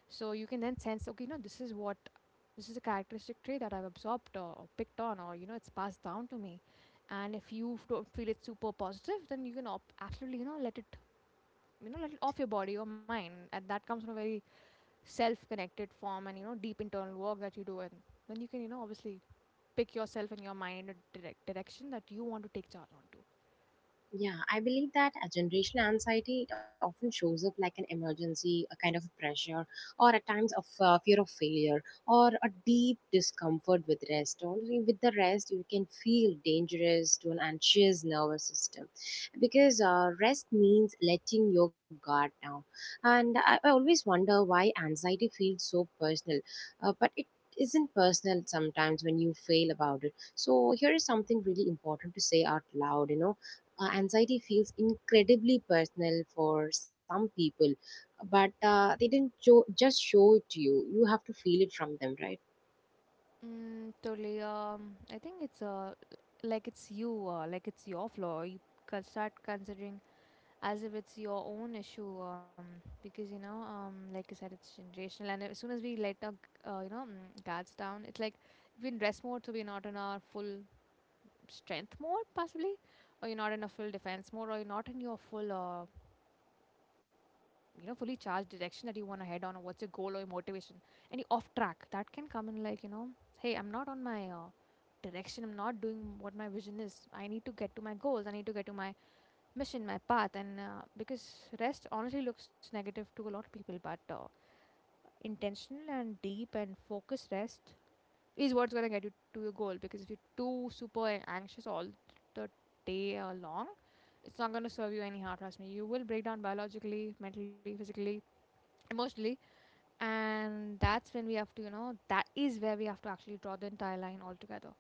so you can then sense, okay, you know, this is what, this is a characteristic trait that I've absorbed, or picked on, or you know, it's passed down to me. And if you don't feel it super positive, then you can absolutely, you know, let it, you know, let it off your body or mind. And that comes from a very self connected form and, you know, deep internal work that you do, and then you can, you know, obviously pick yourself and your mind in a direct direction that you want to take charge onto. Yeah, I believe that a generational anxiety, it often shows up like an emergency, a kind of pressure, or at times of fear of failure, or a deep discomfort with rest. Only with the rest, you can feel dangerous to an anxious nervous system, because rest means letting your guard down. And I always wonder why anxiety feels so personal, but it isn't personal sometimes when you fail about it. So here is something really important to say out loud, you know. Anxiety feels incredibly personal for some people, but they didn't show, just show it to you. You have to feel it from them, right? Mm, totally. I think it's like it's you, like it's your flaw. You can start considering as if it's your own issue. Because like you said, it's generational, and as soon as we let our guards down, it's like we're in rest mode, so we're not in our full strength mode, possibly, or you're not in a full defense mode, or you're not in your full fully charged direction that you want to head on, or what's your goal or your motivation. And you off track, that can come in like, hey, I'm not on my direction, I'm not doing what my vision is, I need to get to my goals, I need to get to my mission, my path. And because rest honestly looks negative to a lot of people, but intentional and deep and focused rest is what's going to get you to your goal, because if you're too super anxious all the day long, it's not going to serve you anyhow. Trust me, you will break down biologically, mentally, physically, emotionally, and that's when we have to, that is where we have to actually draw the entire line altogether.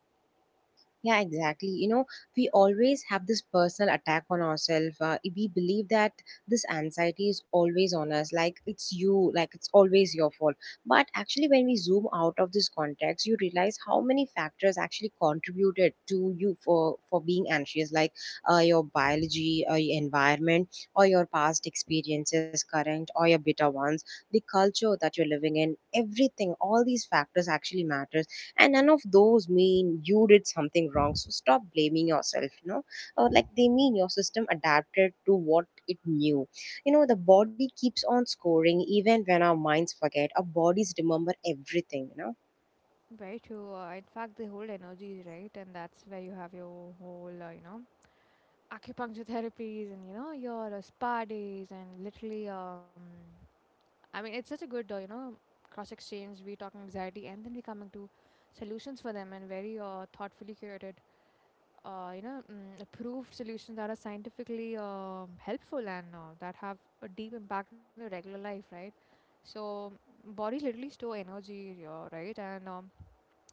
Yeah, exactly. You know, we always have this personal attack on ourselves. We believe that this anxiety is always on us, like it's you, like it's always your fault. But actually, when we zoom out of this context, you realize how many factors actually contributed to you for being anxious, like your biology, your environment, or your past experiences, current or your bitter ones, the culture that you're living in. Everything, all these factors actually matters, and none of those mean you did something wrong, so stop blaming yourself, you know, or like they mean your system adapted to what it knew. You know, the body keeps on scoring. Even when our minds forget, our bodies remember everything, you know. Very true. In fact, the whole energy is right, and that's where you have your whole, acupuncture therapies and you know your spa days. And literally, I mean, it's such a good cross exchange. We talk anxiety and then we coming to solutions for them, and very thoughtfully curated approved solutions that are scientifically helpful and that have a deep impact on your regular life, right? So bodies literally store energy, right? And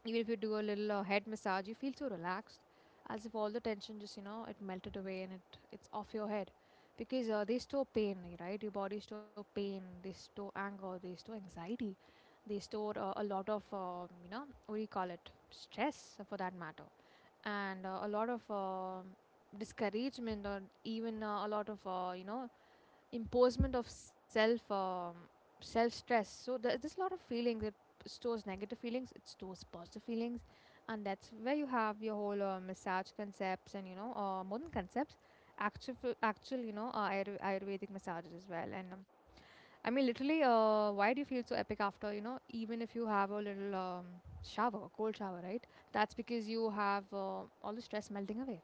even if you do a little head massage, you feel so relaxed, as if all the tension just, you know, it melted away and it it's off your head, because they store pain, right? Your body store pain, they store anger, they store anxiety, they store a lot of you know, what do you call it, stress for that matter, and a lot of discouragement, or even a lot of imposement of self, self stress. So there's this lot of feelings, it stores negative feelings, it stores positive feelings. And that's where you have your whole massage concepts, and you know modern concepts, actual actual you know ayurvedic massages as well. And I mean, literally, why do you feel so epic after, you know, even if you have a little shower, cold shower, right? That's because you have all the stress melting away.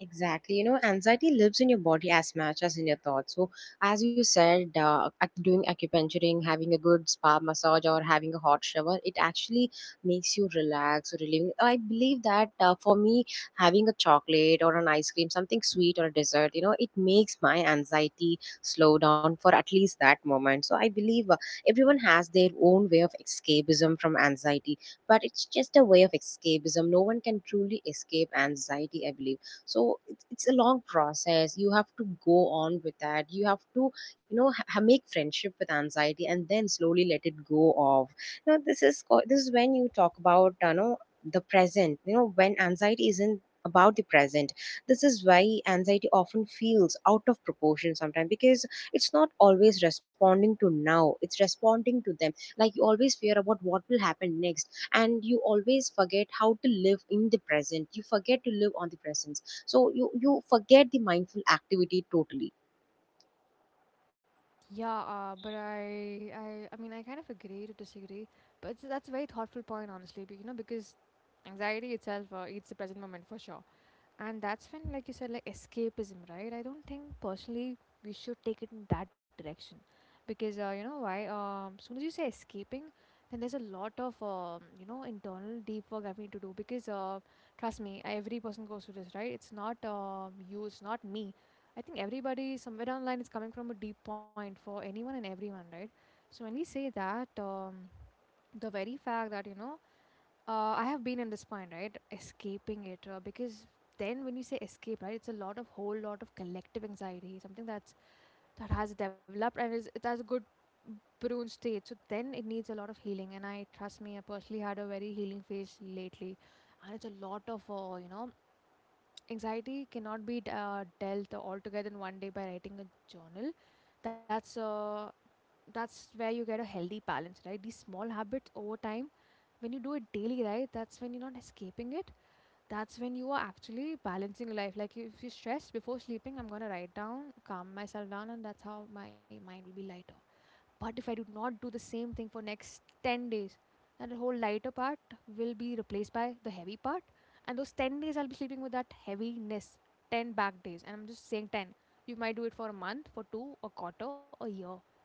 Exactly. You know, anxiety lives in your body as much as in your thoughts. So, as you said, doing acupuncturing, having a good spa massage, or having a hot shower, it actually makes you relax or relieving. I believe that for me, having a chocolate or an ice cream, something sweet or a dessert, you know, it makes my anxiety slow down for at least that moment. So, I believe everyone has their own way of escapism from anxiety, but it's just a way of escapism. No one can truly escape anxiety, I believe. So it's a long process. You have to go on with that, you have to, make friendship with anxiety and then slowly let it go off. Now this is when you talk about, you know, the present. You know, when anxiety isn't about the present, this is why anxiety often feels out of proportion sometimes, because it's not always responding to now, it's responding to them. Like, you always fear about what will happen next, and you always forget how to live in the present. You forget to live on the present. So you forget the mindful activity totally. Yeah, but I mean, I kind of agree to disagree, but that's a very thoughtful point, honestly, you know, because anxiety itself eats the present moment for sure. And that's when, like you said, like escapism, right? I don't think personally we should take it in that direction, because you know why? Soon as you say escaping, then there's a lot of internal deep work I need to do, because trust me, every person goes through this, right? It's not you, it's not me. I think everybody somewhere down the line is coming from a deep point for anyone and everyone, right? So when we say that, the very fact that you know I have been in this point, right? Escaping it, because then when you say escape, right, it's a lot of whole lot of collective anxiety, something that has developed and is it has a good prune state. So then it needs a lot of healing, and I trust me, I personally had a very healing phase lately, and it's a lot of, anxiety cannot be dealt altogether in one day by writing a journal. That's uh that's where you get a healthy balance, right? These small habits over time, when you do it daily, right, that's when you're not escaping it, that's when you are actually balancing your life. Like if you're stressed before sleeping, I'm going to write down, calm myself down, and that's how my mind will be lighter. But if I do not do the same thing for next 10 days, then the whole lighter part will be replaced by the heavy part. And those 10 days I'll be sleeping with that heaviness. 10 back days. And I'm just saying 10. You might do it for a month, for two, a quarter, a year.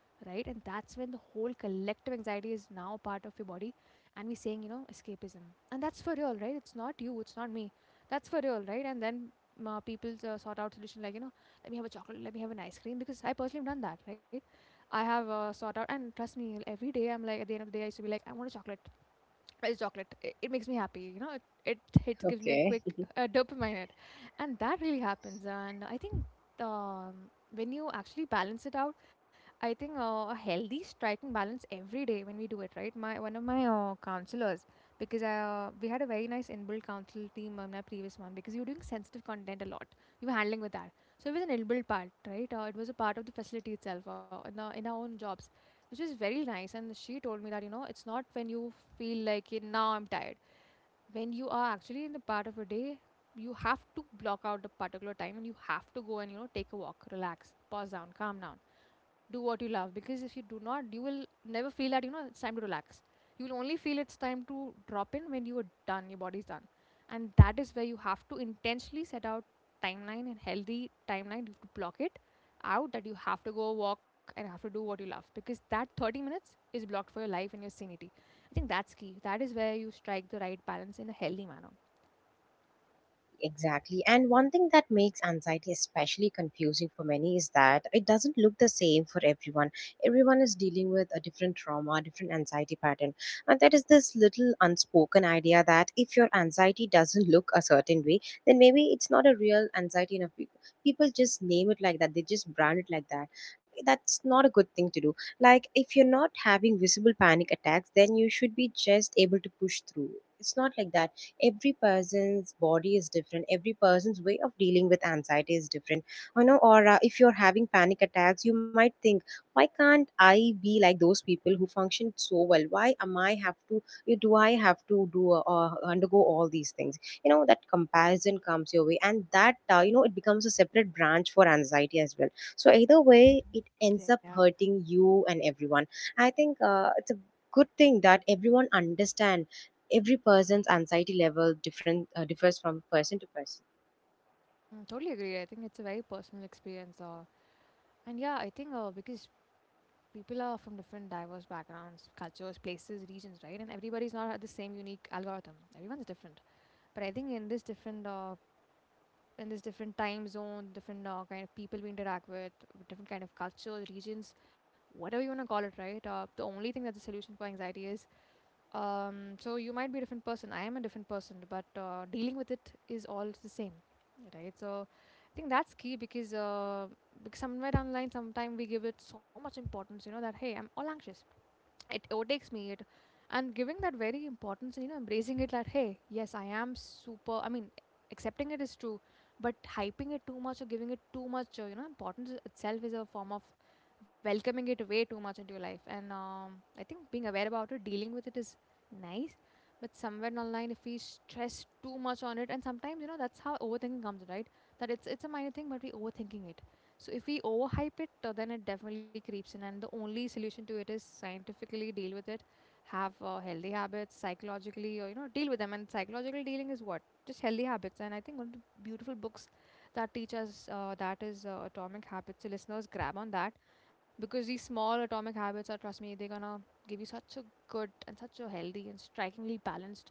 Right? And that's when the whole collective anxiety is now part of your body. And we're saying, you know, escapism. And that's for real, right? It's not you, it's not me. That's for real, right? And then people sort out solution like, you know, let me have a chocolate, let me have an ice cream, because I personally have done that, right? I have sought out, and trust me, every day I'm like, at the end of the day, I used to be like, I want a chocolate, it's chocolate. It makes me happy. You know, it hits, gives me a Okay. quick dopamine hit, and that really happens. And I think when you actually balance it out, I think a healthy striking balance every day when we do it right. My one of my counselors, because I we had a very nice inbuilt counsel team on my previous one, because you were doing sensitive content a lot. We were handling with that, so it was an inbuilt part, right? It was a part of the facility itself in our own jobs, which is very nice. And she told me that, you know, it's not when you feel like, "Yeah, now I'm tired." When you are actually in the part of a day, you have to block out a particular time and you have to go and, you know, take a walk, relax, pause down, calm down, do what you love, because if you do not, you will never feel that, you know, it's time to relax. You will only feel it's time to drop in when you are done, your body's done. And that is where you have to intentionally set out timeline and healthy timeline, you have to block it out, that you have to go walk and have to do what you love, because that 30 minutes is blocked for your life and your sanity. I think that's key, that is where you strike the right balance in a healthy manner. Exactly. And one thing that makes anxiety especially confusing for many is that it doesn't look the same for everyone. Everyone is dealing with a different trauma, different anxiety pattern. And there is this little unspoken idea that if your anxiety doesn't look a certain way, then maybe it's not a real anxiety enough. People just name it like that, they just brand it like that. That's not a good thing to do. Like, if you're not having visible panic attacks, then you should be just able to push through. It's not like that. Every person's body is different, every person's way of dealing with anxiety is different, you know. Or if you're having panic attacks, you might think, why can't I be like those people who function so well? Why am I have to, do I have to do, undergo all these things? You know, that comparison comes your way, and that, you know, it becomes a separate branch for anxiety as well. So either way, it ends up Yeah. hurting you and everyone. I think it's a good thing that everyone understands every person's anxiety level different, differs from person to person. Totally agree. I think it's a very personal experience. And yeah, I think because people are from different diverse backgrounds, cultures, places, regions, right, and everybody's not at the same unique algorithm, everyone's different. But I think in this different time zone, different kind of people we interact with, different kind of cultures, regions, whatever you want to call it, right, the only thing that's the solution for anxiety is, so you might be a different person, I am a different person, but dealing with it is all the same, right? So I think that's key, because because somewhere down the line, sometime we give it so much importance, you know, that hey, I'm all anxious, it overtakes me, it, and giving that very importance and, you know, embracing it like, hey, yes I am super, I mean, accepting it is true, but hyping it too much or giving it too much importance itself is a form of welcoming it way too much into your life. And I think being aware about it, dealing with it is nice, but somewhere down the line, if we stress too much on it, and sometimes, you know, that's how overthinking comes in, right, that it's a minor thing but we overthinking it. So if we overhype it, then it definitely creeps in. And the only solution to it is scientifically deal with it, have healthy habits psychologically, or you know, deal with them. And psychological dealing is what just healthy habits. And I think one of the beautiful books that teach us that is Atomic Habits. So listeners, grab on that, because these small atomic habits are, trust me, they're gonna give you such a good and such a healthy and strikingly balanced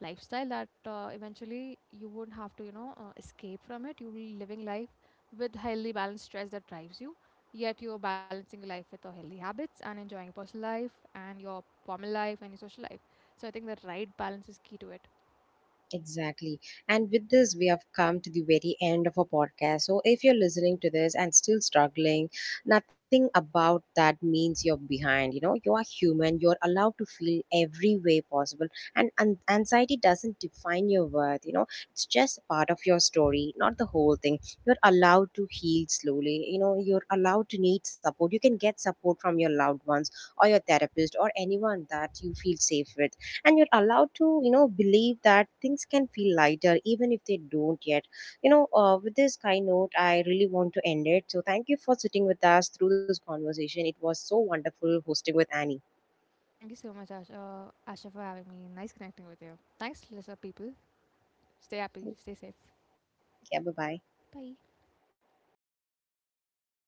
lifestyle, that eventually you won't have to, you know, escape from it, you'll be living life with healthy balanced stress that drives you, yet you're balancing your life with your healthy habits and enjoying your personal life and your formal life and your social life. So I think the right balance is key to it. Exactly. And with this, we have come to the very end of our podcast. So if you're listening to this and still struggling, nothing about that means you're behind. You know, you are human, you're allowed to feel every way possible. And anxiety doesn't define your worth, you know, it's just a part of your story, not the whole thing. You're allowed to heal slowly, you know, you're allowed to need support. You can get support from your loved ones or your therapist or anyone that you feel safe with, and you're allowed to, you know, believe that things can feel lighter even if they don't yet. You know, with this kind note, I really want to end it. So thank you for sitting with us through this conversation. It was so wonderful hosting with Annie. Thank you so much, Asha, Asha, for having me. Nice connecting with you. Thanks listener people, stay happy, stay safe. Yeah, bye bye. Bye.